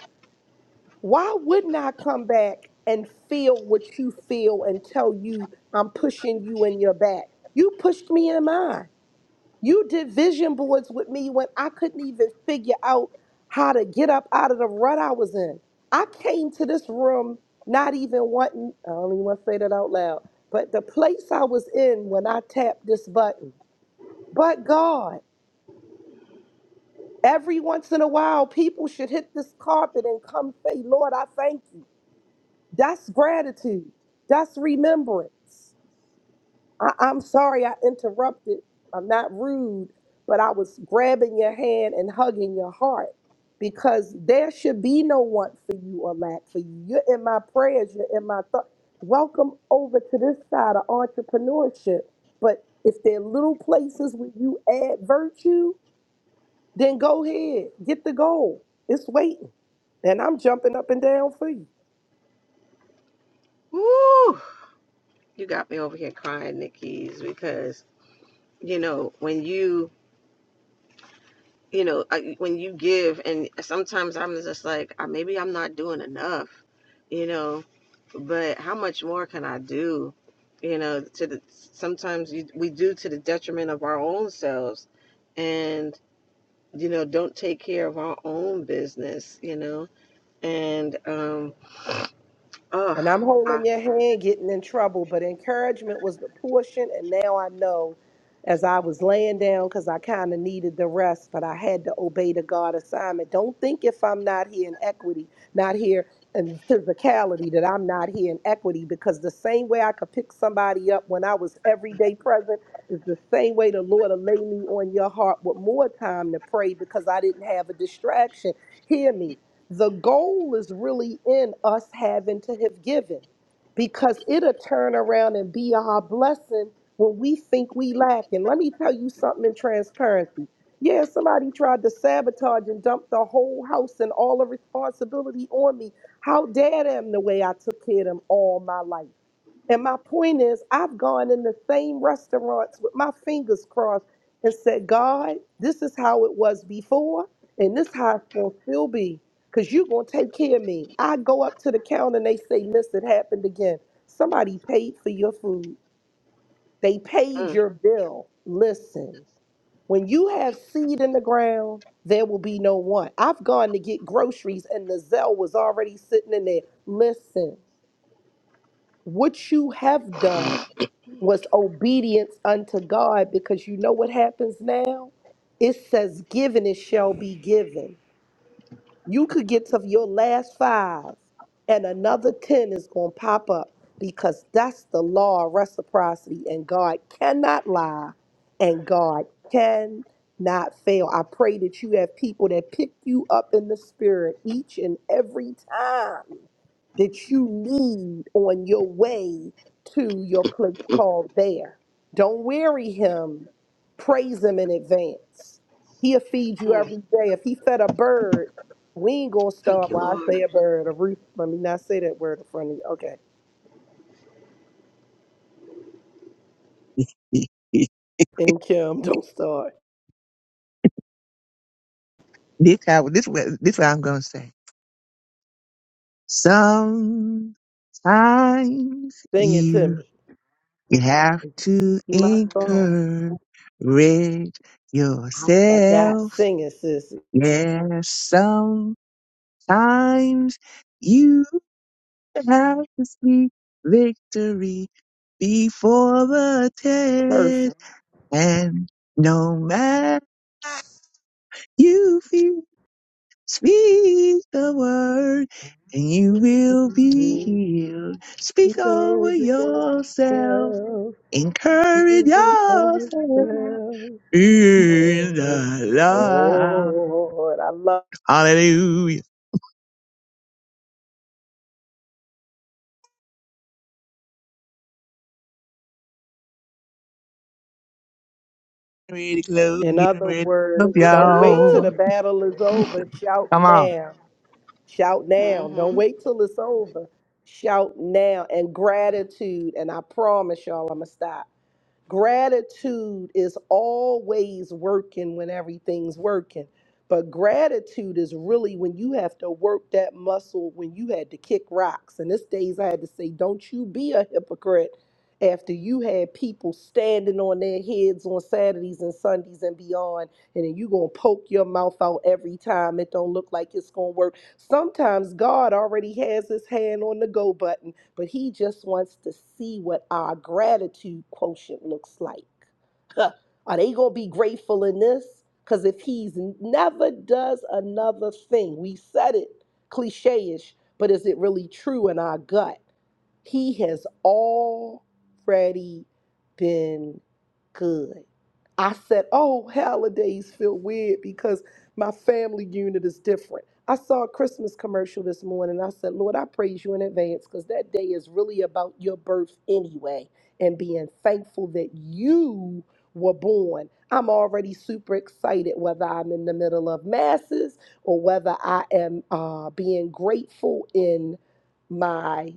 why wouldn't I come back and feel what you feel and tell you I'm pushing you in your back? You pushed me in mine. You did vision boards with me when I couldn't even figure out how to get up out of the rut I was in. I came to this room not even wanting, I don't even want to say that out loud, but the place I was in when I tapped this button. But God, every once in a while, people should hit this carpet and come say, Lord, I thank you. That's gratitude. That's remembrance. I, I'm sorry I interrupted. I'm not rude, but I was grabbing your hand and hugging your heart because there should be no want for you or lack for you. You're in my prayers, you're in my thoughts. Welcome over to this side of entrepreneurship. But if there are little places where you add virtue, then go ahead, get the goal. It's waiting. And I'm jumping up and down for you. woo, you got me over here crying, Nikki's, because you know when you you know I, when you give, and sometimes I'm just like "Ah, maybe I'm not doing enough, you know, but how much more can I do? You know, to the sometimes you, we do to the detriment of our own selves, and you know, don't take care of our own business, you know. And um, oh, And I'm I- holding your hand, getting in trouble. But encouragement was the portion. And now I know as I was laying down, because I kind of needed the rest, but I had to obey the God assignment. Don't think if I'm not here in equity, not here in physicality, that I'm not here in equity, because the same way I could pick somebody up when I was everyday present is the same way the Lord will lay me on your heart with more time to pray because I didn't have a distraction. Hear me the goal is really in us having to have given because it'll turn around and be our blessing when we think we lack. And let me tell you something in transparency. Yeah, somebody tried to sabotage and dump the whole house and all the responsibility on me. How dare them the way I took care of them all my life? And my point is, I've gone in the same restaurants with my fingers crossed and said, God, this is how it was before, and this how it's going to still be, because you're going to take care of me. I go up to the counter and they say, Miss, it happened again. Somebody paid for your food, they paid mm, your bill. Listen, when you have seed in the ground, there will be no want. I've gone to get groceries and the Zell was already sitting in there. Listen, what you have done was obedience unto God because you know what happens now? It says, Given it shall be given. You could get to your last five, and another 10 is going to pop up because that's the law of reciprocity, and God cannot lie, and God cannot fail. I pray that you have people that pick you up in the spirit each and every time that you need on your way to your place called there. Don't weary him. Praise him in advance. He'll feed you mm, every day. If he fed a bird, we ain't gonna thank start. you, Well, I Lord. say a bird. A roof. Let me not say that word in front of you. Okay. And Kim, don't start. This how this what this what I'm gonna say. Sometimes Sing it to you me. have It's to be my song. encourage I forgot. yourself. Sing it, sis. Yes, sometimes you have to speak victory before the test. Perfect. And no matter you feel, speak the word and you will be You healed. Speak over told yourself, yourself, encourage you told yourself yourself. in the love. Lord, I love. Hallelujah. Get Ready to close, In get other ready to words, up, don't wait till y'all. Woo! the battle is over. Shout Come on. now. Shout now. Don't Mm-hmm. wait till it's over. Shout now and gratitude. And I promise y'all, I'm going to stop. Gratitude is always working when everything's working. But gratitude is really when you have to work that muscle when you had to kick rocks. And this days I had to say, don't you be a hypocrite after you had people standing on their heads on Saturdays and Sundays and beyond, and then you gonna poke your mouth out every time it don't look like it's gonna work. Sometimes God already has his hand on the go button but he just wants to see what our gratitude quotient looks like. Are they going to be grateful in this? Because if he's never does another thing, we said it cliche ish, but is it really true in our gut? He has already been good. I said, Oh, holidays feel weird because my family unit is different. I saw a Christmas commercial this morning. I said, Lord, I praise you in advance because that day is really about your birth anyway and being thankful that you were born. I'm already super excited whether I'm in the middle of masses or whether I am uh, being grateful in my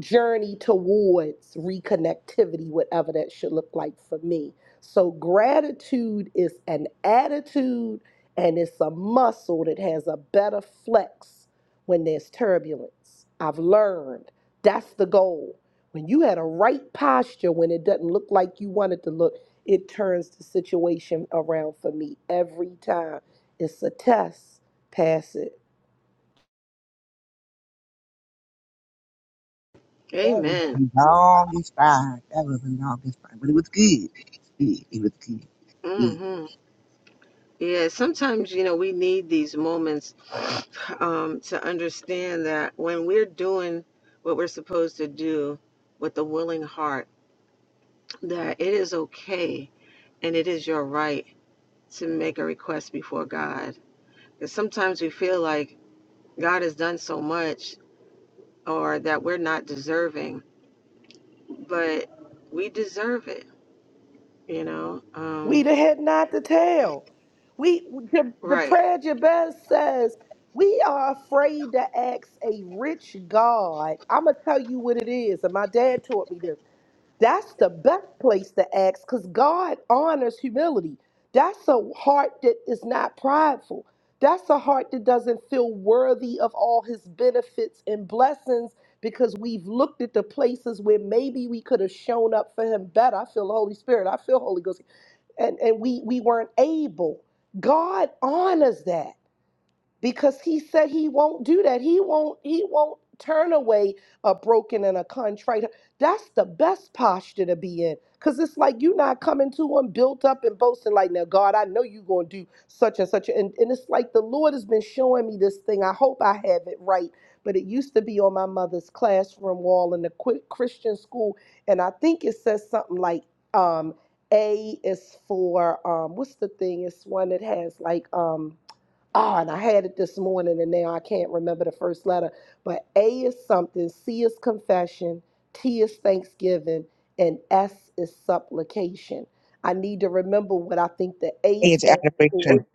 journey towards reconnectivity, whatever that should look like for me. So, gratitude is an attitude and it's a muscle that has a better flex when there's turbulence. I've learned that's the goal. When you had a right posture, when it doesn't look like you want it to look, it turns the situation around for me every time. It's a test, pass it That was Amen. the longest ride. That was the longest ride, but it was good. It was good. It was good. Good. Mm-hmm. Yeah, sometimes you know we need these moments um, to understand that when we're doing what we're supposed to do with a willing heart, that it is okay and it is your right to make a request before God. Because sometimes we feel like God has done so much or that we're not deserving, but we deserve it, you know? We Um, the head, not the tail. We the, the right. prayer Jabez says, we are afraid to ask a rich God. I'ma tell you what it is. And my dad taught me this. That's the best place to ask because God honors humility. That's a heart that is not prideful. That's a heart that doesn't feel worthy of all his benefits and blessings because we've looked at the places where maybe we could have shown up for him better. I feel the Holy Spirit. I feel Holy Ghost and, and we, we weren't able. God honors that because he said he won't do that. He won't he won't turn away a broken and a contrite. That's the best posture to be in. Cause it's like you're not coming to him built up and boasting like, now God, I know you're gonna do such and such. And, and it's like the Lord has been showing me this thing. I hope I have it right. But it used to be on my mother's classroom wall in the quick Christian school. And I think it says something like um A is for um what's the thing? It's one that has like um Oh, and I had it this morning, and now I can't remember the first letter. But A is something, C is confession, T is thanksgiving, and S is supplication. I need to remember what I think the A Hey, It's stands for. adoration.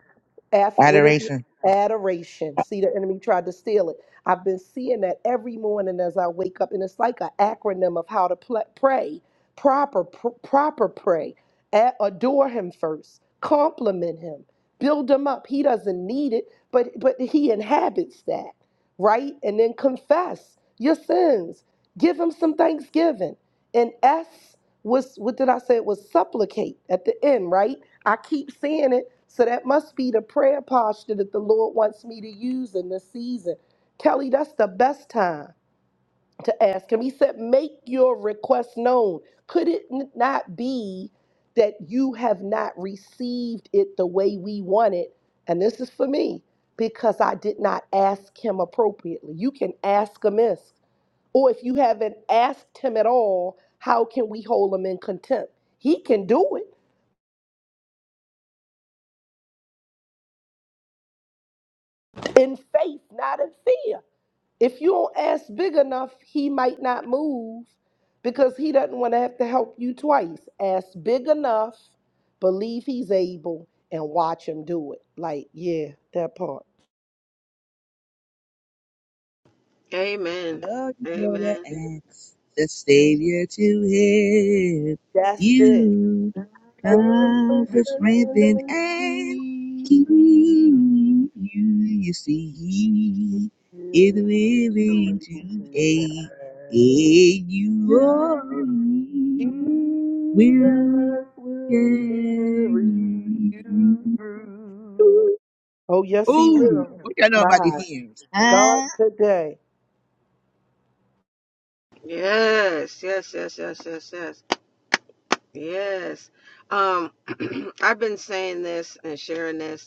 F, with it? Adoration. Adoration. See, the enemy tried to steal it. I've been seeing that every morning as I wake up, and it's like an acronym of how to pl- pray. Proper, pr- proper pray. A- adore him first. Compliment him. Build him up. He doesn't need it, but but he inhabits that, right? And then confess your sins. Give him some thanksgiving. And S was what did I say? It was supplicate at the end, right? I keep seeing it. So that must be the prayer posture that the Lord wants me to use in this season. Kelly, that's the best time to ask him. He said, Make your request known. Could it n- not be that you have not received it the way we want it? And this is for me because I did not ask him appropriately. You can ask amiss. Or if you haven't asked him at all, how can we hold him in contempt? He can do it. in faith, not in fear. If you don't ask big enough, he might not move because he doesn't want to have to help you twice. Ask big enough, believe he's able, and watch him do it. Like, yeah, that part. Amen. Oh, you got Amen. to ask the Savior to help That's it. you comfort, strengthen, and Unfortunately, keep you. You see, He is willing to aid, aid you all. you Jesus He will will carry carry you. you through. Oh, yes, he Ooh, will. what do y'all know about these My hymns? God, Huh? today. Yes, yes, yes, yes, yes, yes. Yes. Um, I've been saying this and sharing this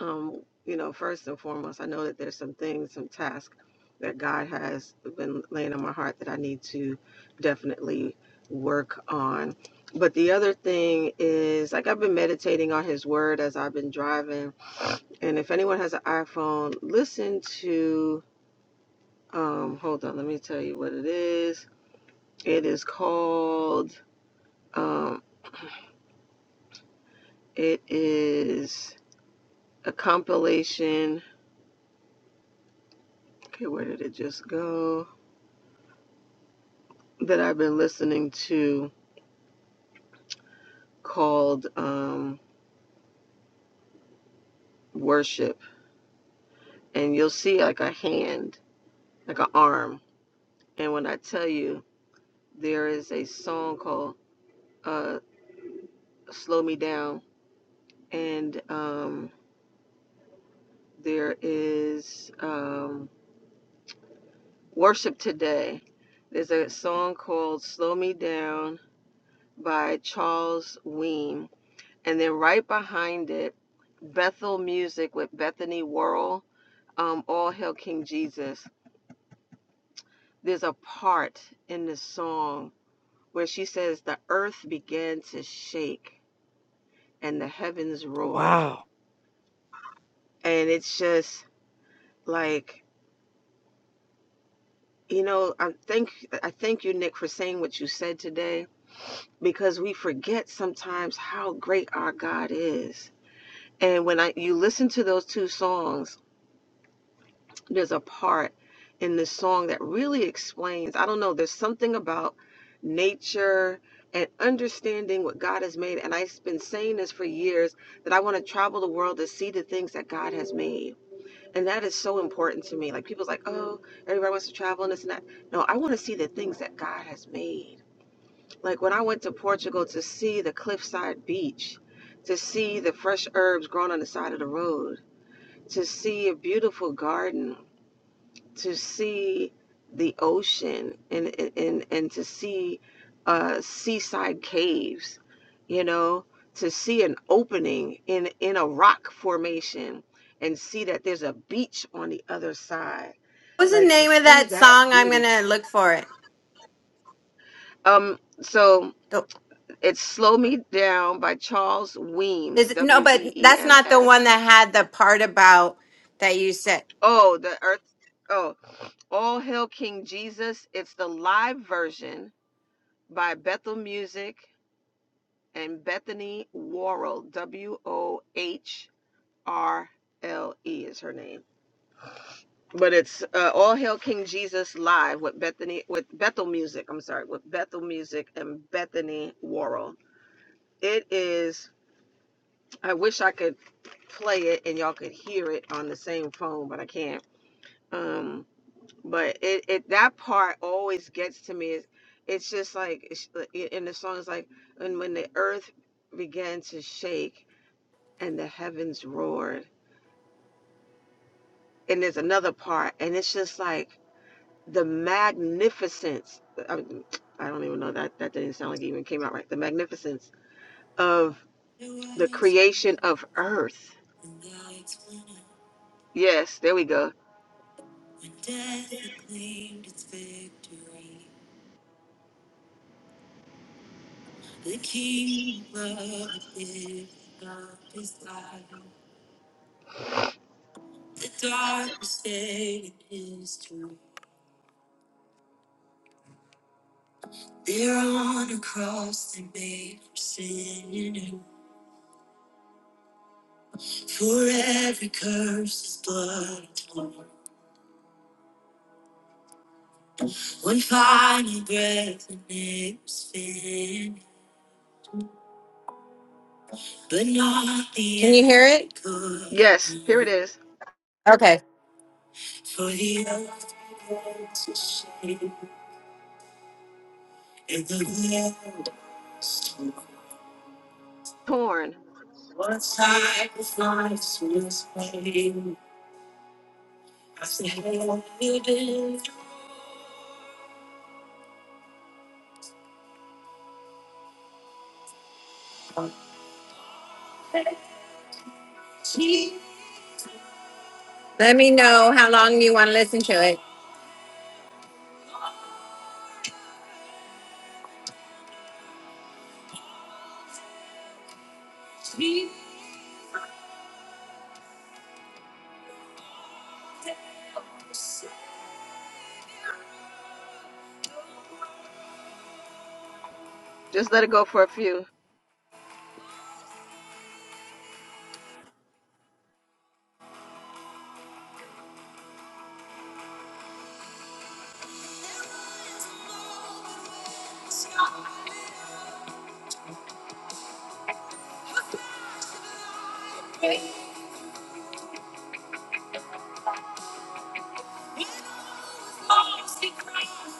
um, you know, first and foremost, I know that there's some things, some tasks that God has been laying on my heart that I need to definitely work on. But the other thing is, like, I've been meditating on His Word as I've been driving. And if anyone has an iPhone, listen to, um, hold on, let me tell you what it is. It is called, um, it is a compilation. Okay, where did it just go? that I've been listening to called um, Worship. And you'll see like a hand, like an arm. And when I tell you, there is a song called uh, Slow Me Down. And um, there is um, Worship Today. There's a song called Slow Me Down by Charles Weem. And then right behind it, Bethel Music with Bethany Worrell um, All Hail King Jesus. There's a part in this song where she says, The earth began to shake and the heavens roared. Wow. And it's just like, you know, I thank I thank you, Nick, for saying what you said today because we forget sometimes how great our God is. And when I you listen to those two songs, there's a part in this song that really explains i don't know there's something about nature and understanding what god has made and i've been saying this for years that i want to travel the world to see the things that god has made and that is so important to me like people's like oh everybody wants to travel and this and that no i want to see the things that god has made like when i went to portugal to see the cliffside beach to see the fresh herbs growing on the side of the road to see a beautiful garden to see the ocean and and and to see uh seaside caves you know to see an opening in in a rock formation and see that there's a beach on the other side What was the like to name of see that that song? I'm beauty gonna look for it. um so it's slow me down by charles weems Is it, no, but that's not the w-e-e-m-s one that had the part about that you said. oh the earth oh all hail king jesus it's the live version by bethel music and Bethany Worrell, W O H R L E is her name. But it's uh, All Hail King Jesus live with Bethany with Bethel Music. I'm sorry, with Bethel Music and Bethany Worrell. It is. I wish I could play it and y'all could hear it on the same phone, but I can't. Um, but it, it that part always gets to me. It's, it's just like it's, uh, in the song It's like, and when the earth began to shake and the heavens roared. And there's another part, and it's just like the magnificence. I, I don't even know that that didn't sound like it even came out right. The magnificence of the creation of earth. Yes, there we go. But not the Can you end. hear it? Yes, here it is. Okay. Torn. Let me know how long you want to listen to Just let it go for a few.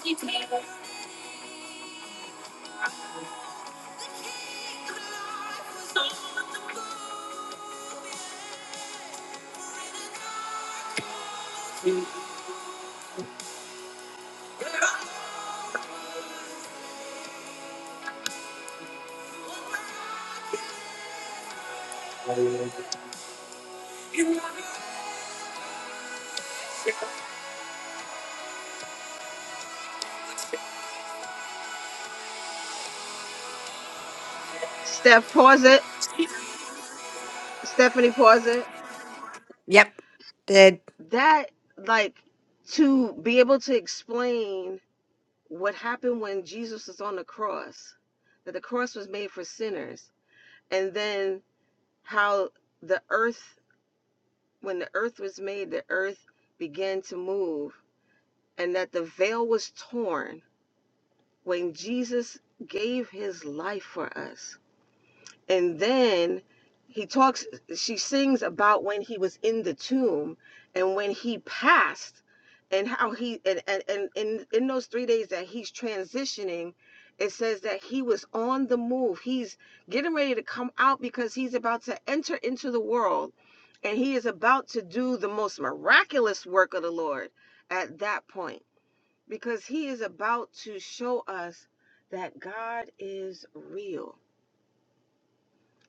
it. Steph, pause it. Stephanie, pause it. Yep. Did That like to be able to explain what happened when Jesus was on the cross. That the cross was made for sinners and then how the earth when the earth was made the earth began to move and that the veil was torn when jesus gave his life for us and then he talks she sings about when he was in the tomb and when he passed and how he and and, and in, in those three days that he's transitioning it says that he was on the move he's getting ready to come out because he's about to enter into the world and he is about to do the most miraculous work of the lord at that point because he is about to show us that god is real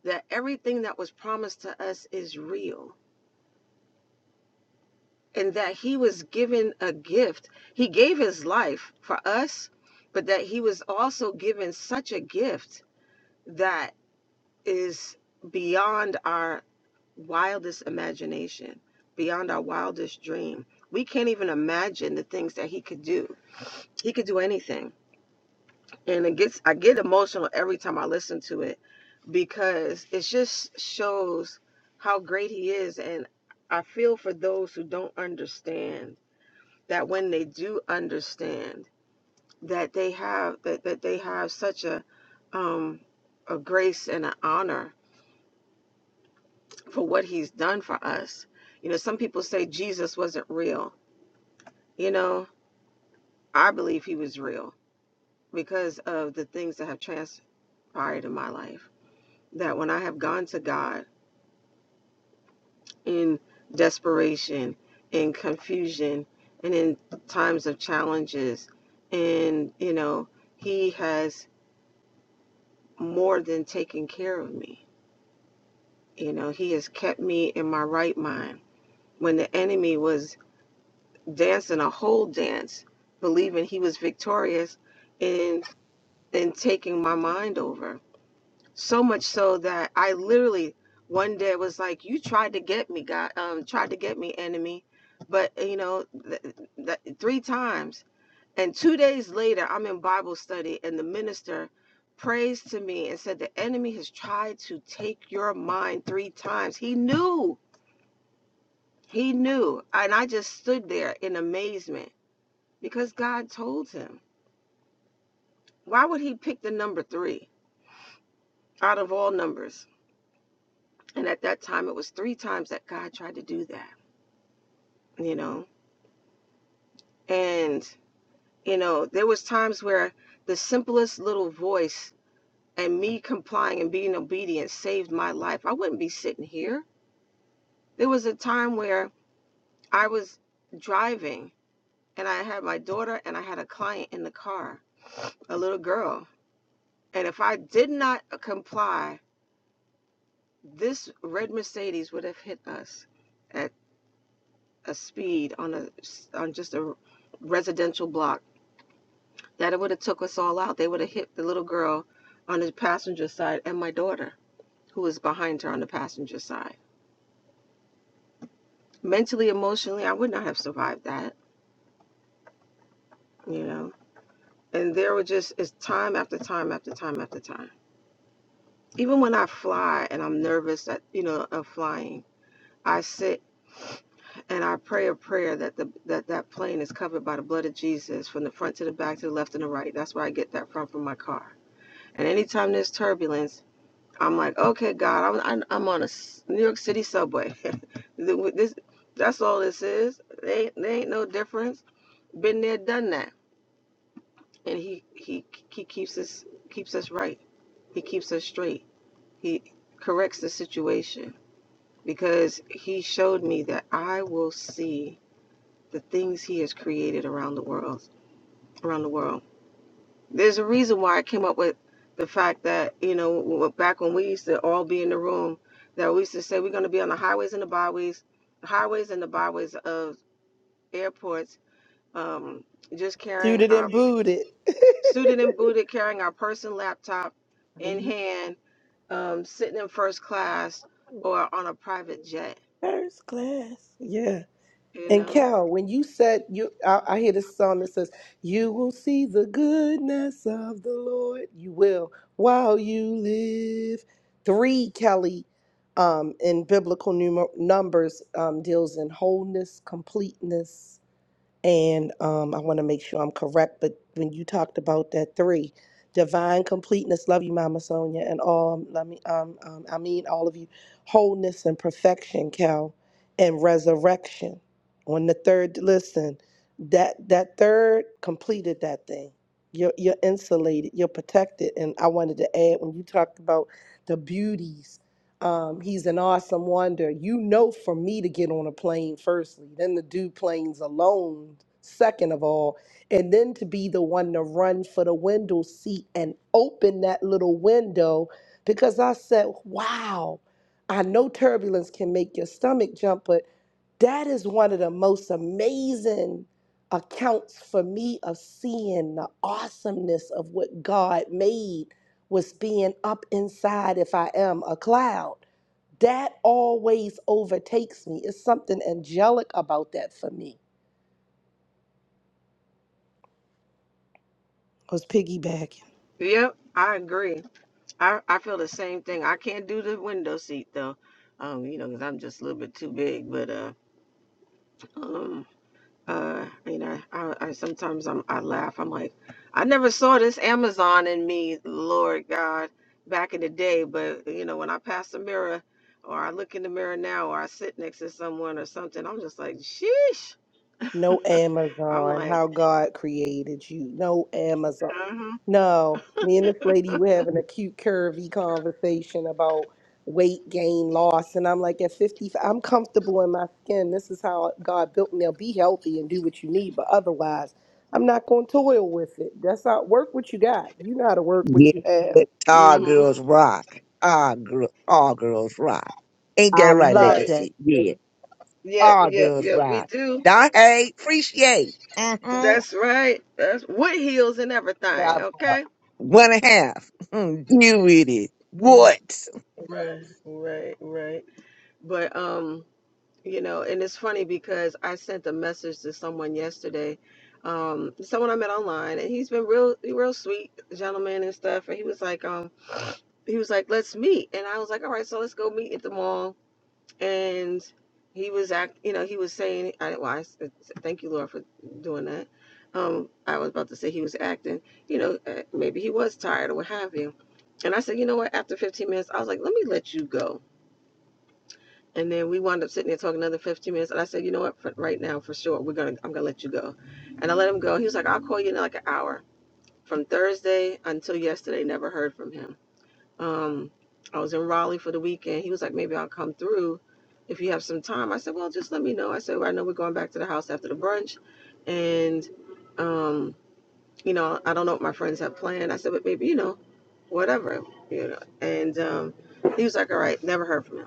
that everything that was promised to us is real and that he was given a gift. He gave his life for us, but that he was also given such a gift that is beyond our wildest imagination, beyond our wildest dream. We can't even imagine the things that he could do. He could do anything and it gets I get emotional every time I listen to it because it just shows how great he is and I feel for those who don't understand that when they do understand that they have that, that they have such a um a grace and an honor for what he's done for us. You know, some people say Jesus wasn't real. You know, I believe he was real because of the things that have transpired in my life that when I have gone to God in desperation, in confusion, and in times of challenges, and you know, He has more than taken care of me. You know, He has kept me in my right mind. When the enemy was dancing a whole dance, believing he was victorious, and and taking my mind over So much so that I literally one day was like, "You tried to get me, God. Um, tried to get me, enemy." But uh, you know, th- th- three times, and two days later, I'm in Bible study, and the minister prays to me and said, "The enemy has tried to take your mind three times. He knew, he knew." And I just stood there in amazement because God told him. Why would he pick the number three out of all numbers? And at that time, it was three times that God tried to do that. you know and you know there was times where the simplest little voice and me complying and being obedient saved my life i wouldn't be sitting here there was a time where i was driving and i had my daughter and i had a client in the car a little girl and if i did not comply this red mercedes would have hit us at a speed on a on just a residential block That it would have took us all out. They would have hit the little girl on the passenger side and my daughter, who was behind her on the passenger side. Mentally, emotionally, I would not have survived that, you know. And there were just it's time after time after time after time. Even when I fly and I'm nervous that you know of flying, I sit and I pray a prayer that the that that plane is covered by the blood of Jesus from the front to the back to the left and the right. That's where I get that from from my car. And anytime there's turbulence, I'm like, okay, God, I'm I- am i am on a New York City subway. this that's all this is. They ain't, they ain't no difference. Been there, done that. And he he he keeps us keeps us right. He keeps us straight. He corrects the situation because he showed me that I will see the things he has created around the world around the world. There's a reason why I came up with the fact that, you know, w- back when we used to all be in the room, that we used to say we're going to be on the highways and the byways, highways and the byways of airports, um, just carrying Suited our and booted. suited and booted, carrying our purse and laptop in Mhm. hand, um, sitting in first class or on a private jet, First class. Yes. you And know? Cal, when you said you, I, I hear this song that says, "You will see the goodness of the Lord. You will while you live." Three Kelly, um, in biblical numer- numbers, um, deals in wholeness, completeness, and um, I want to make sure I'm correct, but when you talked about that three, divine completeness, love you, Mama Sonia, and all, let me, um, um, I mean, all of you, wholeness and perfection, Cal, and resurrection. On the third, listen, that that third completed that thing. You're you're insulated, you're protected, and I wanted to add when you talked about the beauties um, he's an awesome wonder. You know, for me to get on a plane, firstly, then to do planes alone, second of all, and then to be the one to run for the window seat and open that little window because I said, wow, I know turbulence can make your stomach jump, but that is one of the most amazing accounts for me of seeing the awesomeness of what God made was being up inside if I am a cloud. That always overtakes me. It's something angelic about that for me. I was piggybacking. Yep, I agree. I, I feel the same thing. I can't do the window seat though, um, you know, because 'cause I'm just a little bit too big. But uh, um, Uh, you know, I, I sometimes I'm, I laugh. I'm like, I never saw this Amazon in me, Lord God, back in the day. But you know, when I pass the mirror, or I look in the mirror now, or I sit next to someone or something, I'm just like, sheesh. No I'm Amazon, like, how God created you. No Amazon. mm-hmm, No, me and this lady were having a cute, curvy conversation about weight gain, loss. And I'm like, at 55, I'm comfortable in my skin. This is how God built me. Now be healthy and do what you need. But otherwise, I'm not going to toil with it. That's not work what you got. You know how to work what Yeah, you have. let all mm-hmm, girls rock. All girl, all girls rock. Ain't that I right, love right, that. Legacy? Yeah, yep, all yep, girls yep. We rock. do. Don't hate, appreciate. Uh-huh. That's right. That's with heels and everything. Got Okay. One and a half. Mm, Deal with it. Right, What? right, right. right. But um. you know and it's funny because i sent a message to someone yesterday um someone i met online and he's been real real sweet gentleman and stuff and he was like um he was like let's meet and i was like all right so let's go meet at the mall and he was act you know he was saying i well i s- thank you lord for doing that um i was about to say he was acting you know uh, maybe he was tired or what have you and i said you know what after 15 minutes i was like let me let you go and then we wound up sitting there talking another 15 minutes. And I said, you know what, for right now, for sure, we're gonna, I'm gonna let you go. And I let him go. He was like, I'll call you in like an hour. From Thursday until yesterday, never heard from him. Um, I was in Raleigh for the weekend. He was like, maybe I'll come through if you have some time. I said, well, just let me know. I said, well, I know we're going back to the house after the brunch, and um, you know, I don't know what my friends have planned. I said, but maybe you know, whatever, you know. And um, he was like, all right, never heard from him.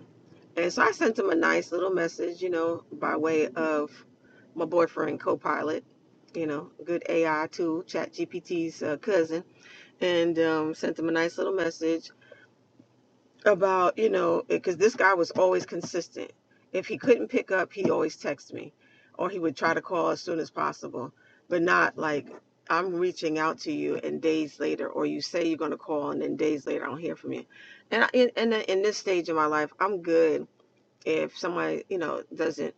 And so I sent him a nice little message, you know, by way of my boyfriend, Copilot, you know, good AI tool, ChatGPT's uh, cousin, and um, sent him a nice little message about, you know, because this guy was always consistent. If he couldn't pick up, he always texted me, or he would try to call as soon as possible, but not like I'm reaching out to you and days later, or you say you're going to call and then days later I don't hear from you. And I, in, in, in this stage of my life, I'm good if someone you know doesn't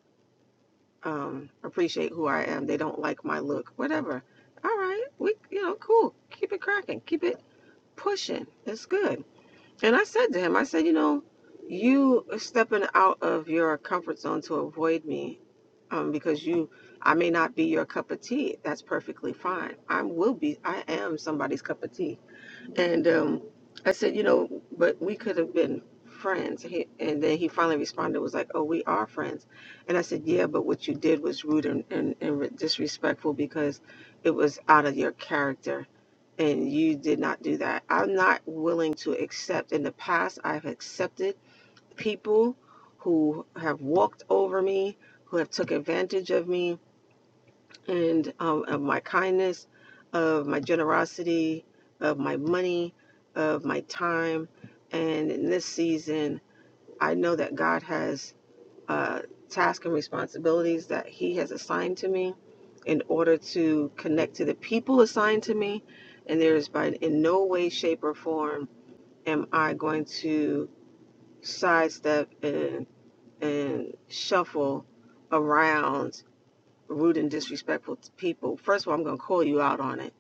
um appreciate who i am they don't like my look whatever all right we you know cool keep it cracking keep it pushing it's good and i said to him i said you know you stepping out of your comfort zone to avoid me um because you i may not be your cup of tea that's perfectly fine i will be i am somebody's cup of tea and um, I said, you know, but we could have been friends. He, and then he finally responded, was like, oh, we are friends. And I said, yeah, but what you did was rude and, and, and disrespectful because it was out of your character. And you did not do that. I'm not willing to accept. In the past, I've accepted people who have walked over me, who have took advantage of me, and um, of my kindness, of my generosity, of my money, of my time. And in this season, I know that God has uh, tasks and responsibilities that He has assigned to me in order to connect to the people assigned to me. And there is by in no way, shape, or form am I going to sidestep and and shuffle around rude and disrespectful to people, first of all, I'm going to call you out on it.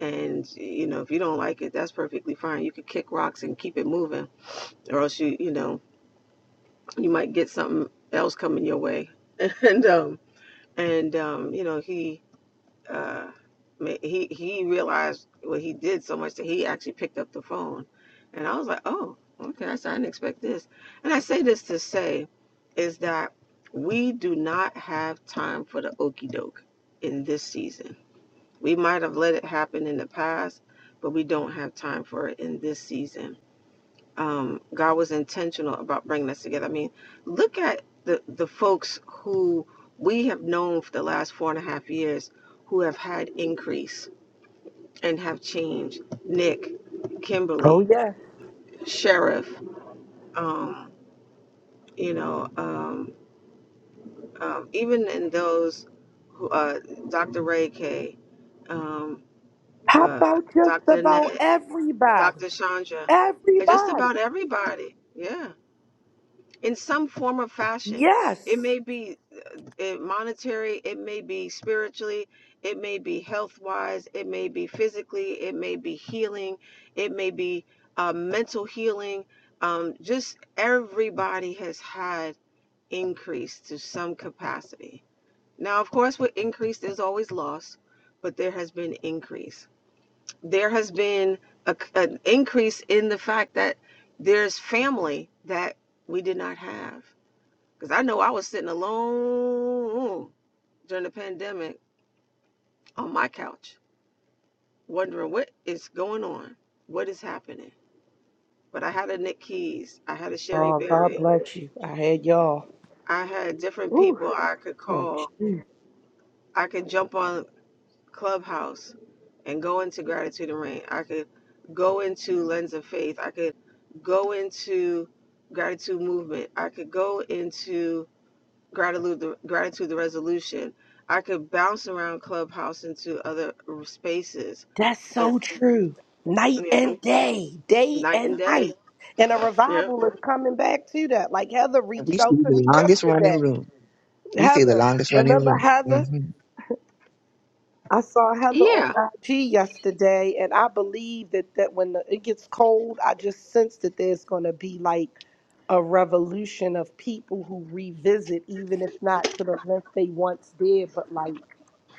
And, you know, if you don't like it, that's perfectly fine. You could kick rocks and keep it moving, or else you, you know, you might get something else coming your way. And, um, and, um, you know, he, uh, ma- he, he realized what he did so much that he actually picked up the phone. And I was like, oh, okay, I said, I didn't expect this. And I say this to say is that we do not have time for the okey doke in this season we might have let it happen in the past, but we don't have time for it in this season. Um, God was intentional about bringing us together. I mean, look at the, the folks who we have known for the last four and a half years who have had increase and have changed. Nick, Oh, Kimberly, yeah. Sheriff, um, you know, um, um, even in those who, uh, Dr. Ray K, um, How uh, about just Dr. Nay. about everybody? Dr. Chandra. Uh, Just Everybody. about everybody. Yeah. In some form or fashion. It Yes. may be uh, monetary, it may be spiritually, it may be health wise, it may be physically, it may be healing, it may be uh, mental healing. Um, just everybody has had increase to some capacity. Now, of course, with increase, there's always loss, but there has been increase there has been a, an increase in the fact that there's family that we did not have. Because I know I was sitting alone during the pandemic on my couch, wondering what is going on, what is happening. But I had a Nick Keys, I had a Sherry Oh, God Berry, bless you. I had y'all. I had different Ooh, people I could what call. you- I could jump on Clubhouse and go into Gratitude and Rain. I could go into Lens of Faith. I could go into Gratitude Movement. I could go into Gratitude the, Gratitude the Resolution. I could bounce around Clubhouse into other spaces. That's But, so true. Night you know, and day, day night and and day. night. And a Yeah. revival is coming back to that. Like Heather And we reached see out to the me longest running yesterday. room. We see the Heather, longest running remember room. hmm Heather? I saw Heather on Yeah. IG yesterday, and I believe that, that when the, it gets cold, I just sense that there's going to be like a revolution of people who revisit, even if not to the length they once did, but like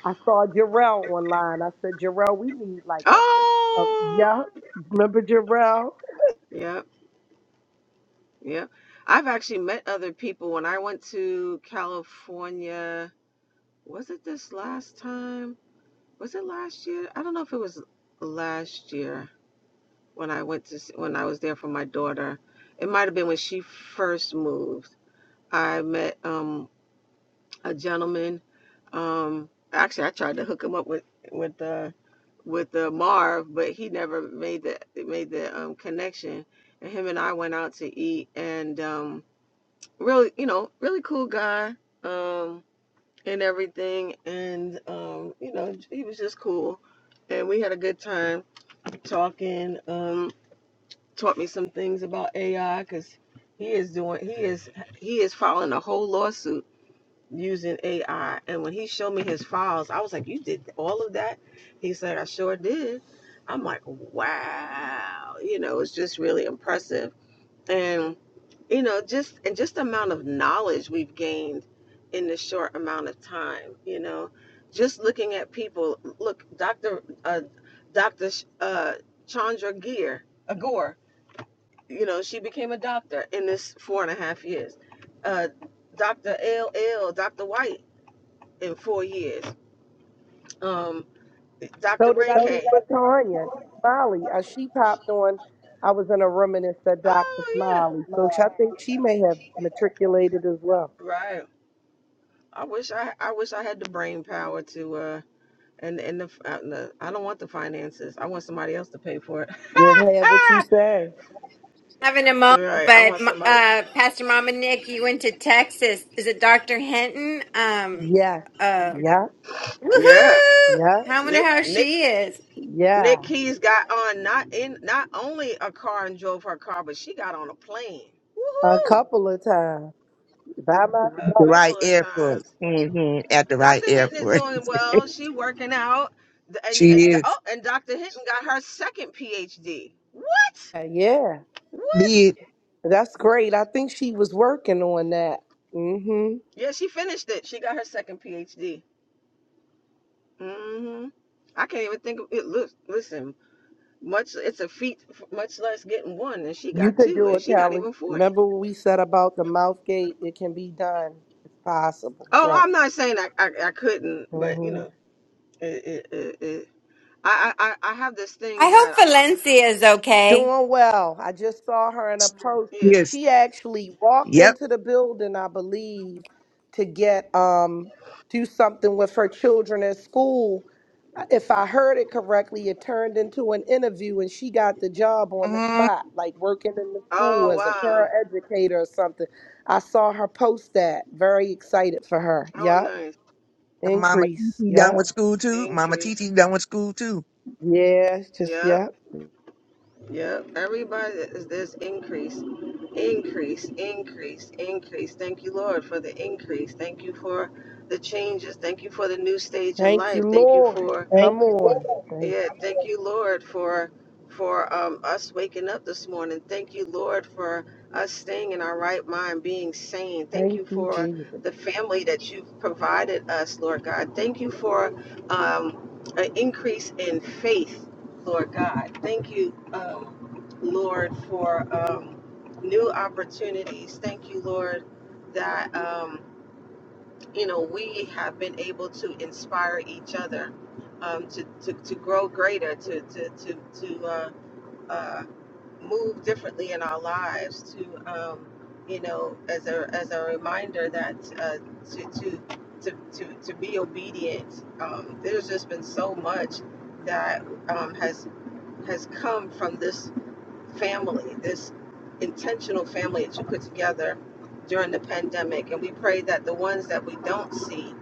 I saw Jarrell online. I said, Jarrell, we need like a, a Oh. yeah. Remember Jarrell? Yep. Yep. I've actually met other people when I went to California. Was it this last time? was it last year? I don't know if it was last year when I went to when I was there for my daughter. It might have been when she first moved. I met um, a gentleman. Um, actually, I tried to hook him up with with uh, with uh, Marv, but he never made the made the um, connection. And him and I went out to eat, and um, really, you know, really cool guy. Um, and everything. And, um, you know, he was just cool. And we had a good time talking. Um, taught me some things about AI because he is doing, he is, he is filing a whole lawsuit using AI. And when he showed me his files, I was like, You did all of that? He said, I sure did. I'm like, Wow. You know, it's just really impressive and you know just and just the amount of knowledge we've gained in this short amount of time you know just looking at people look dr uh dr uh chandra gear agor you know she became a doctor in this four and a half years uh dr L dr white in four years um dr So did ray I think k Latonya, Smiley. Uh, she popped on. I was in a room and it said Dr. oh yeah Smiley. So she, I think she may have matriculated as well. right i wish i i wish i had the brain power to uh And and the, uh, the I don't want the finances. I want somebody else to pay for it. You'll have what you say. having a moment, right. I but want m- somebody. uh, Pastor Mama Nick, you went to Texas. Is it Dr. Hinton? Um, Yeah, uh, yeah, Yeah. woohoo! yeah, I wonder Nick how Nick she is. Nick yeah. Keys got on not in not only a car and drove her car, but she got on a plane. A Woohoo! couple of times by A The myself. couple right of airport. times. Mm hmm At the right Dr. Hinton is airport. doing well. She working out. D- And She and oh, is. and Dr. Hinton got her second PhD. What? Uh, Yeah, What? Big. that's great. I think she was working on that. Mm-hmm. Yeah, she finished it. She got her second PhD. hmm I can't even think of it. Look, listen, much it's a feat, much less getting one, and she You got could two, do and it, she not Kelly. even forty. Remember what we said about the mouth gate? It can be done. It's possible. Oh, Trump. I'm not saying I I, I couldn't, but you hmm know, it, it, it, it. I, I I I have this I thing that hope I'm not. Valencia is okay. Doing well. I just saw her in a post. Yeah. Yes. She actually walked Yep. into the building, I believe, to get um do something with her children at school. If I heard it correctly, it turned into an interview and she got the job on the hmm spot, like working in the school Oh as a wow. paraeducator or something. I saw her post that. Very excited for her. Oh Yup. nice And Mama T Increase. T done Yep. with school too. Mama T increase. T done with school too. Yeah. Just Yep. yep. Yep. Everybody is this increase, increase, increase, increase. Thank you, Lord, for the increase. Thank you for the changes. Thank you for the new stage in Thank you, life. Thank you Lord. for Come Thank you, on. Lord. Thank yeah. Thank you, Lord, for for um, us waking up this morning. Thank you, Lord, for us staying in our right mind, being sane. Thank thank you you, for Jesus. the family that you've provided us, Lord God. Thank you for um, an increase in faith Lord God. Thank you, um, Lord, for um, new opportunities. Thank you, Lord, that um, you know we have been able to inspire each other um, to, to to grow greater, to to to to uh, uh, move differently in our lives. To um, you know, as a as a reminder that uh, to to. To, to, to be obedient. Um, there's just been so much that um, has has come from this family, this intentional family that you put together during the pandemic. And we pray that the ones that we don't see,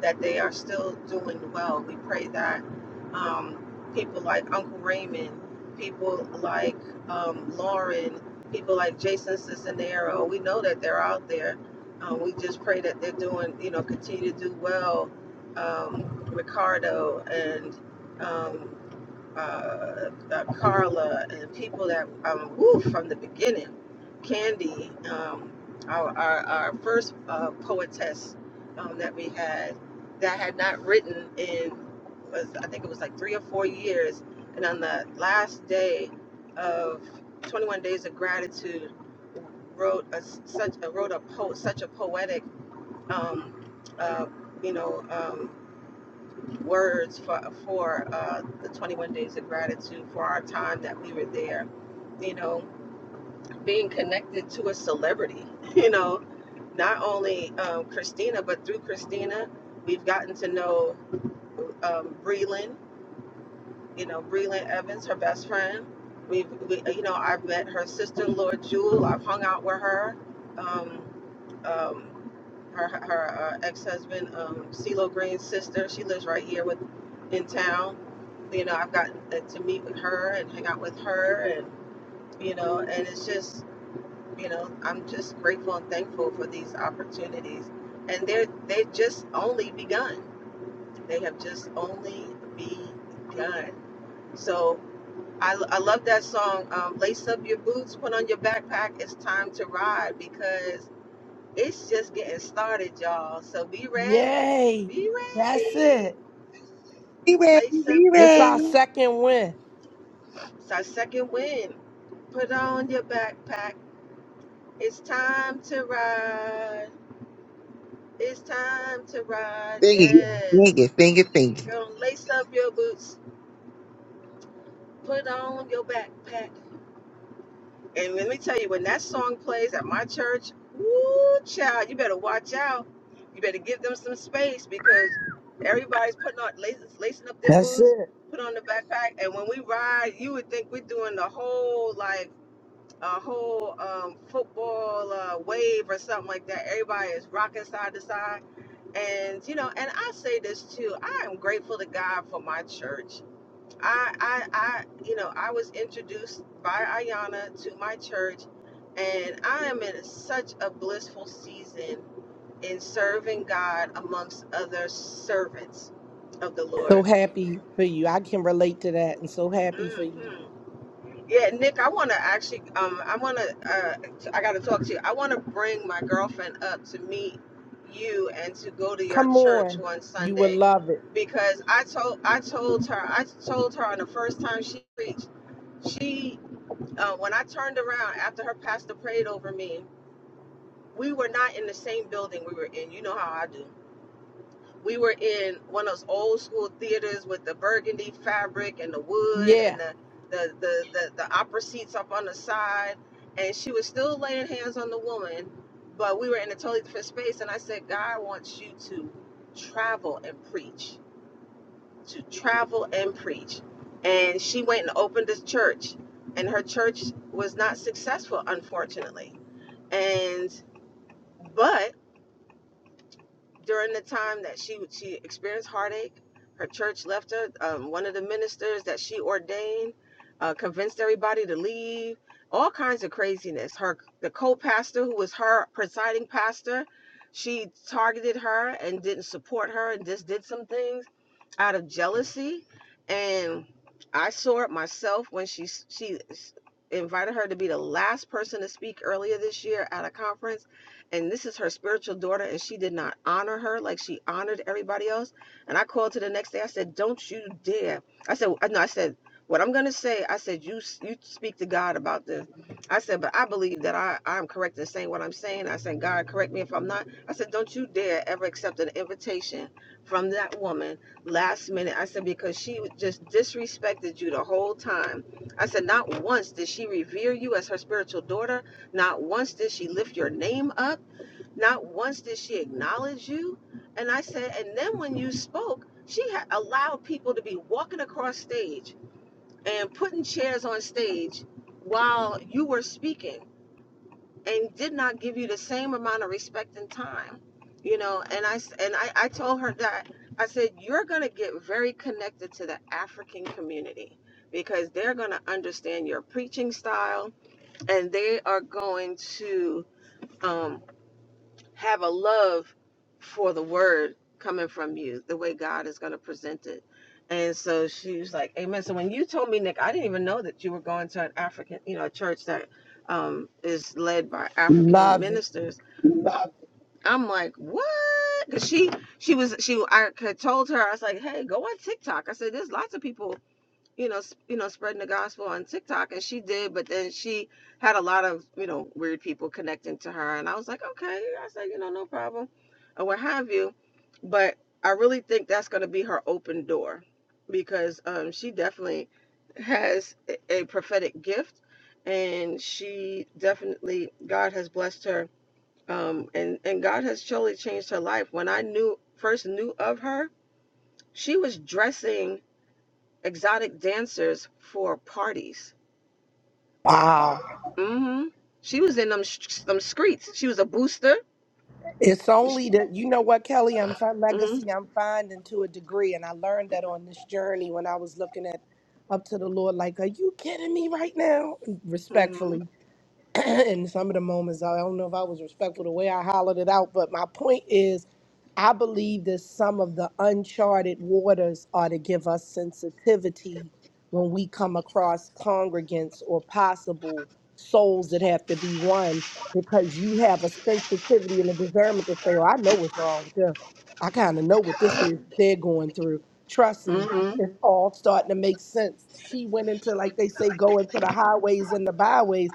that they are still doing well. We pray that um, people like Uncle Raymond, people like um, Lauren, people like Jason Cisnero, we know that they're out there. Um, we just pray that they're doing, you know, continue to do well. Um, Ricardo and um, uh, uh, Carla and people that um, woo from the beginning. Candy, um, our, our, our first uh, poetess um, that we had, that had not written in, was, I think it was like three or four years. And on the last day of 21 Days of Gratitude, wrote a such a, wrote a po- such a poetic, um, uh, you know. um, words for for uh, the 21 days of gratitude for our time that we were there. You know, being connected to a celebrity. You know, not only um, Christina, but through Christina, we've gotten to know um, Breland. You know, Breland Evans, her best friend. We've, we, you know, I've met her sister-in-law Jewel. I've hung out with her. Um, um, her her uh, ex husband, um, CeeLo Green's sister. She lives right here with in town. You know, I've gotten uh, to meet with her and hang out with her, and you know, and it's just you know, I'm just grateful and thankful for these opportunities, and they're they've just only begun. They have just only begun. So. I, I love that song. Um, Lace up your boots, put on your backpack. It's time to ride because it's just getting started, y'all. So be ready. Yay. Be That's ready. it. Be ready, Lace up be your It's ready. our boots. second win. It's our second win. Put on your backpack. It's time to ride. It's time to ride. Think it, Yes. think it, think it, think it. Gonna lace up your boots. Put on your backpack. And let me tell you, when that song plays at my church, woo, child, you better watch out. You better give them some space because everybody's putting on lacing, lacing up their That's boots, it. put on the backpack, and when we ride, you would think we're doing the whole like a whole um, football uh, wave or something like that. Everybody is rocking side to side, and you know, and I say this too. I am grateful to God for my church I, I, I, you know, I was introduced by Ayanna to my church, and I am in such a blissful season in serving God amongst other servants of the So Lord. happy for you. I can relate to that and so happy for you. hmm Yeah, Nick, I want to actually, um, I want to, uh, I got to talk to you. I want to bring my girlfriend up to meet you and to go to your Come church on. one You will Sunday love it. because I told, I told her, I told her on the first time she preached she. uh, when I turned around after her pastor prayed over me, we were not in the same building we were in. You know how I do. We were in one of those old school theaters with the burgundy fabric and the wood Yeah. and the the the the, the opera seats up on the side. And she was still laying hands on the woman, but we were in a totally different space. And I said, God wants you to travel and preach to travel and preach. And she went and opened this church, and her church was not successful, unfortunately. And but during the time that she she experienced heartache, her church left her. Um, one of the ministers that she ordained uh, convinced everybody to leave. All kinds of craziness. Her the co-pastor who was her presiding pastor, she targeted her and didn't support her and just did some things out of jealousy and i saw it myself when she she invited her to be the last person to speak earlier this year at a conference and this is her spiritual daughter and she did not honor her like she honored everybody else and i called her the next day i said don't you dare i said uh, no i said what i'm going to say i said you you speak to god about this i said but i believe that i i'm correct in saying what i'm saying i said god correct me if i'm not i said don't you dare ever accept an invitation from that woman last minute. I said, because she just disrespected you the whole time. I said, not once did she revere you as her spiritual daughter. Not once did she lift your name up. Not once did she acknowledge you. And I said, and then when you spoke, she had allowed people to be walking across stage and putting chairs on stage while you were speaking and did not give you the same amount of respect and time you know and I and i, I told her that i said you're going to get very connected to the african community because they're going to understand your preaching style and they are going to um, have a love for the word coming from you, the way God is going to present it. And so she was like, Amen. So when you told me, Nick, I didn't even know that you were going to an African, you know, a church that um, is led by African Love it. ministers. I'm like, what? Cause she, she was, she, I had told her, I was like, hey, go on TikTok. I said, there's lots of people you know, s- you know, spreading the gospel on TikTok, and she did. But then she had a lot of, you know, weird people connecting to her, and I was like, okay, I said, you know, no problem, or what have you. But I really think that's going to be her open door, because um, she definitely has a a prophetic gift, and she definitely God has blessed her, um, and and God has totally changed her life. When I knew first knew of her, she was dressing exotic dancers for parties. Wow. hmm She was in them sh- them streets. She was a booster. It's only that you know what, Kelly. I'm fi- hmm legacy. I'm finding to a degree, and I learned that on this journey when I was looking at up to the Lord. Like, are you kidding me right now? hmm Respectfully, In some of the moments I don't know if I was respectful the way I hollered it out, but my point is I believe that some of the uncharted waters are to give us sensitivity when we come across congregants or possible souls that have to be won because you have a sensitivity and a discernment to say, Oh, I know what's wrong with them. I kind of know what this is they're going through. Trust me, hmm it's all starting to make sense. She went into, like they say, go into the highways and the byways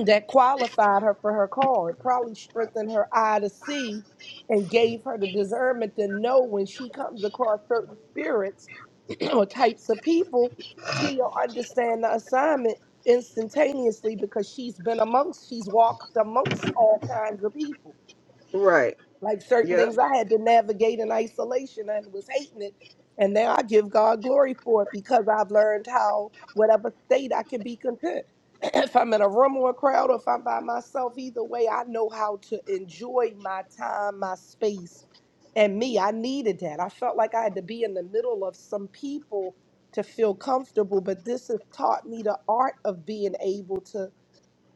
that qualified her for her call. It probably strengthened her eye to see and gave her the discernment to know when she comes across certain spirits or types of people, she'll understand the assignment instantaneously because she's been amongst, she's walked amongst all kinds of people Right. like certain Yep. things I had to navigate in isolation and was hating it. And now I give God glory for it because I've learned how, whatever state, I can be content. if I'm in a room or a crowd or if I'm by myself, either way, I know how to enjoy my time, my space, and me. I needed that. I felt like I had to be in the middle of some people to feel comfortable, but this has taught me the art of being able to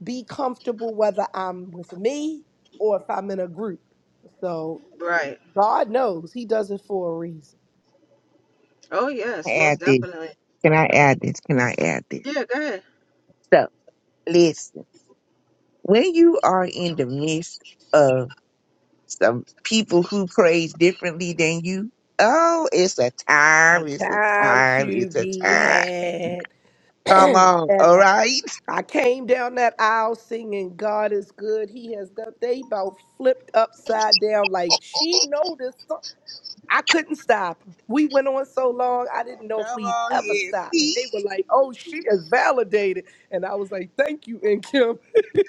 be comfortable whether I'm with me or if I'm in a group. So Right. God knows he does it for a reason. Oh Can I yes, Add most this. definitely. Can I add this? Can I add this? Yeah. Go ahead. So listen, when you are in the midst of some people who praise differently than you, oh, it's a A time, it's a time time, to it's a be time. had. Come on, and all uh, right? I came down that aisle singing, God is good. He has done. They about flipped upside down like she noticed. so- I couldn't stop. We went on so long, I didn't know if Come we'd on ever here, stop. And see? they were like, oh, she is validated. And I was like, thank you, and Kim.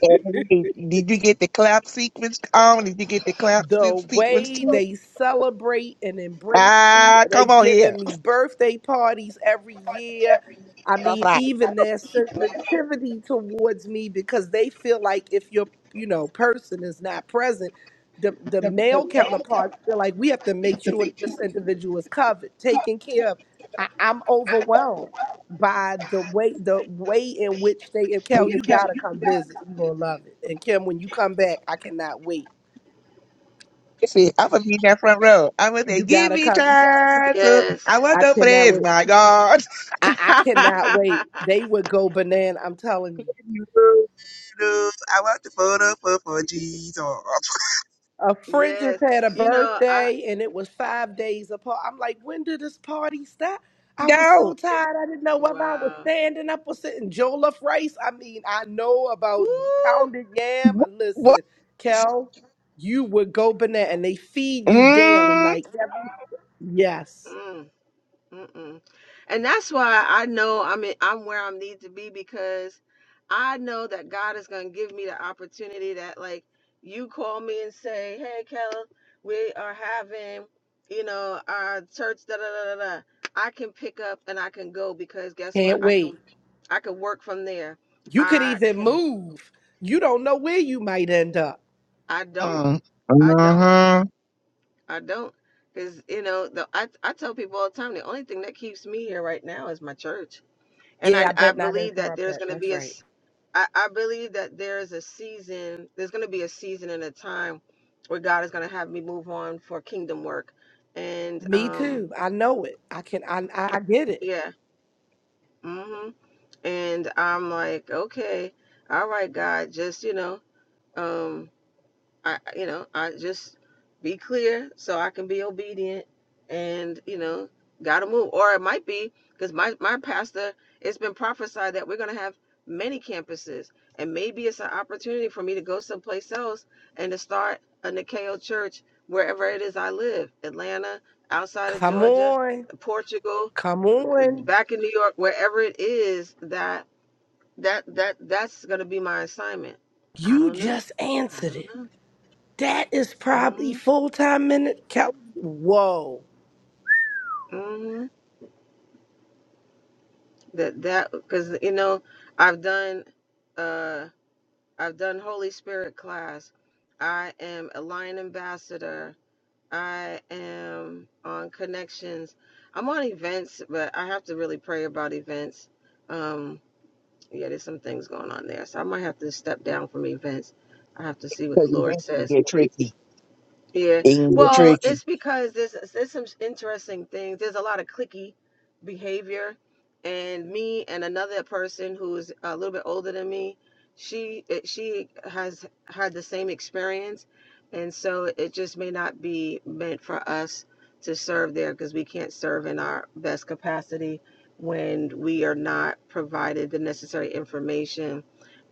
And wait, Did you get the clap sequence on? Did you get the clap se- the sequence way too? they celebrate and embrace you. Ah, come They've on here. given me birthday parties every year. I mean, even their sensitivity towards me because they feel like if your you know person is not present, the the male counterparts feel like we have to make sure that this individual is covered, taken care of. I, I'm overwhelmed by the way the way in which they and Kel, you gotta come visit. You're gonna love it. And Kim, when you come back, I cannot wait Listen, I'm gonna be in that front row. I'm gonna say, You "Give gotta me come. time, so Yes. I want I the cannot praise, wait. my God. I, I cannot wait. They would go banana. I'm telling you. You know, I want the photo for, for Jesus." A friend just yes. had a You know I. birthday and it was five days apart. I'm like, when did this party stop? I was Go. so tired. I didn't know whether I was Wow. standing up or sitting. Jollof rice. I mean, I know Woo. about pounded yam. What? what? Listen, Kel, you would go banana and they feed you daily. Mm. Like, yes, Mm. Mm-mm. And that's why I know I'm in, I'm where I need to be because I know that God is going to give me the opportunity that like you call me and say, "Hey, Keller, we are having, you know, our church da da da da da." I can pick up and I can go because guess what? can't I wait. can I can work from there. You could I even can move. You don't know where you might end up. I don't. Mm. I don't. Mm-hmm. I don't. Cuz you know, the I I tell people all the time the only thing that keeps me here right now is my church and Yeah, I I I bet not believe that interrupt there's that. going to That's be a right. s- I, I believe that there is a season. There's going to be a season and a time where God is going to have me move on for kingdom work, and Me um too. I know it. I can I I I get it. yeah, hmm and I'm like okay, all right, God, just you know um I, you know, I just be clear so I can be obedient and, you know, gotta move. Or it might be because my, my pastor, it's been prophesied that we're gonna have many campuses and maybe it's an opportunity for me to go someplace else and to start a Nikeo church wherever it is I live, Atlanta, outside of Come Georgia, on. Portugal, Come on. back in New York, wherever it is that that that that's gonna be my assignment. I You don't know. just I answered don't it. know. That is Mm-hmm. probably full time minute count. Whoa. hmm That that because you know I've done uh I've done Holy Spirit class. I am a Lion Ambassador. I am on connections. I'm on events, but I have to really pray about events. Um, yeah, there's some things going on there, so I might have to step down from events. I have to see what the Because Lord events can says. get tricky. Yeah. It can get Well, tricky. it's because there's, there's some interesting things. There's a lot of clicky behavior. And me and another person who is a little bit older than me, she it- she has had the same experience. And so it just may not be meant for us to serve there because we can't serve in our best capacity when we are not provided the necessary information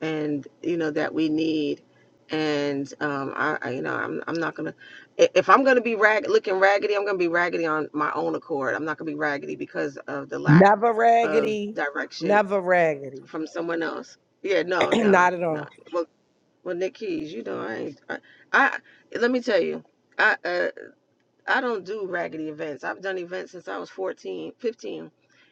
and you know that we need. And um, I, I you know I'm I'm not gonna i- if I'm going to be rag looking raggedy, I'm going to be raggedy on my own accord. I'm not going to be raggedy because of the lack Never of raggedy. direction Never raggedy. from someone else. Yeah, no, no, not at all. no. Well, well, Nick Keys, you know, I, ain't, I, I, let me tell you, I, uh, I don't do raggedy events. I've done events since I was 14, 15,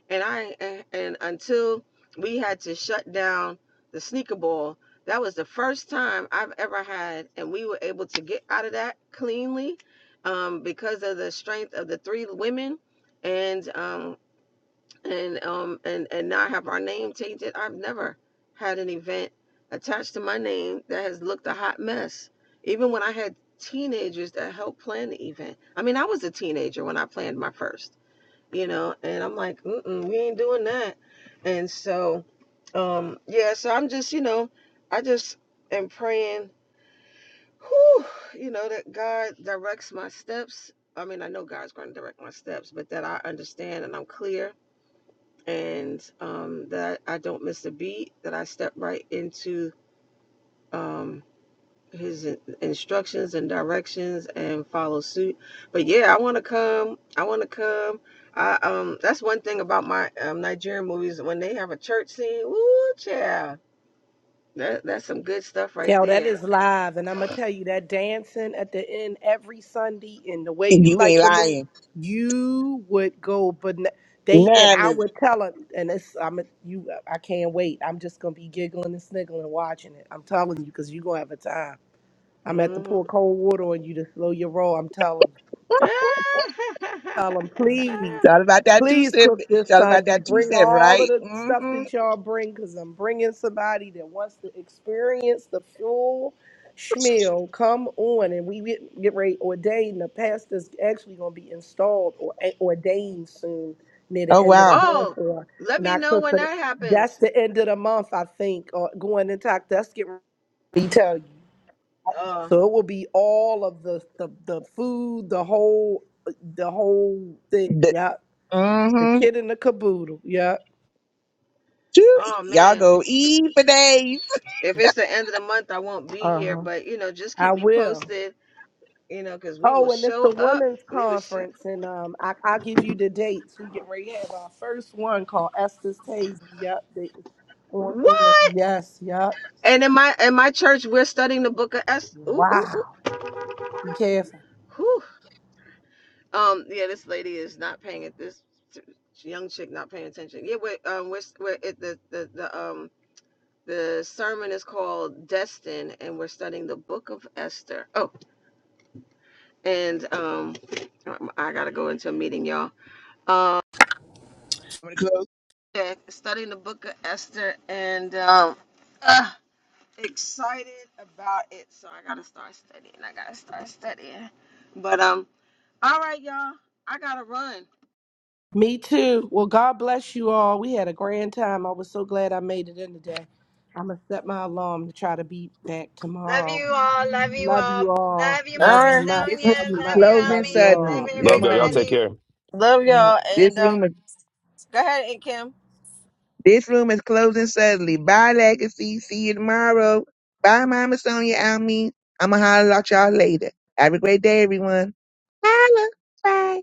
And I and, and until we had to shut down the sneaker ball, that was the first time I've ever had and we were able to get out of that cleanly um, because of the strength of the three women and um, and um and and not have our name changed it i've never had an event attached to my name that has looked a hot mess even when i had teenagers that helped plan the event i mean i was a teenager when i planned my first you know and i'm like Mm-mm, we ain't doing that and so um yeah so i'm just you know i just am praying whew, you know that god directs my steps i mean i know god's going to direct my steps but that i understand and i'm clear and um, that I don't miss a beat, that I step right into um, his instructions and directions and follow suit. But yeah, I want to come. I want to come. I um, that's one thing about my um, Nigerian movies when they have a church scene. Ooh, child. That, that's some good stuff right Yo, that there. is live, and I'm gonna tell you that dancing at the end every Sunday, and the way And you you like ain't to move, lying. you would go. But they and Nah, I baby. would tell them, and it's I'm a, you. I can't wait. I'm just gonna be giggling and sniggling watching it. I'm telling you, cause you gonna have a time. I'm at the hmm pour cold water on you to slow your roll. I'm telling you. Tell them, please, Shout about that two please step. cook this Shout about Sunday. that two Bring step, all of right? the stuff Mm-hmm. that y'all bring because I'm bringing somebody that wants to experience the full schmeal. Come on. And we get, get ready, ordained. The pastor's actually going to be installed or a- ordained soon near the Oh end of the wow. month. oh, Or, let and me October. know when that that's happens. the end of the month, I think, or going into October. that's getting ready Uh, so it will be all of the the, the food, the whole the whole thing. The, Yeah. The mm-hmm. kid in the caboodle. Yeah. oh Y'all man, go eat for days. If it's the end of the month, I won't be here, Uh-huh. but you know, just I keep me will. posted, you know, because we will Oh, and it's show a up. women's We will show conference, and um, I, I'll give you the dates. We get ready to have our first one called Esther's Taste. Yep. they- on- on- what? Yes. Yep. And in my in my church, we're studying the book of Esther. Ooh, ooh, ooh. Wow. Be careful. Whew. Um, yeah, this lady is not paying it. This young chick not paying attention. Yeah, we're um, we're, we're it, the the the um the sermon is called Destin, and we're studying the book of Esther. Oh, and um, I gotta go into a meeting, y'all. Um. Yeah, studying the book of Esther and um, uh, excited about it. So I gotta start studying. I gotta start studying. But um, all right, y'all, I gotta run. Me too. Well, God bless you all. We had a grand time. I was so glad I made it in today. I'm gonna set my alarm to try to be back Love tomorrow. you all. Love you Love all. you all. Love you, All Love Mama you right. much, This room Sonia. much, is Love much. you, closing Love you Almeen. suddenly. all. Love Good Love y'all. Y'all take morning. everybody. care. Love Yeah. y'all. And This uh, room is go ahead, and Kim. this room is closing suddenly. Bye, Legacy. See you tomorrow. Bye, Mama Sonia. I mean, I'ma holler at y'all later. Have a great day, everyone. Holla. Bye.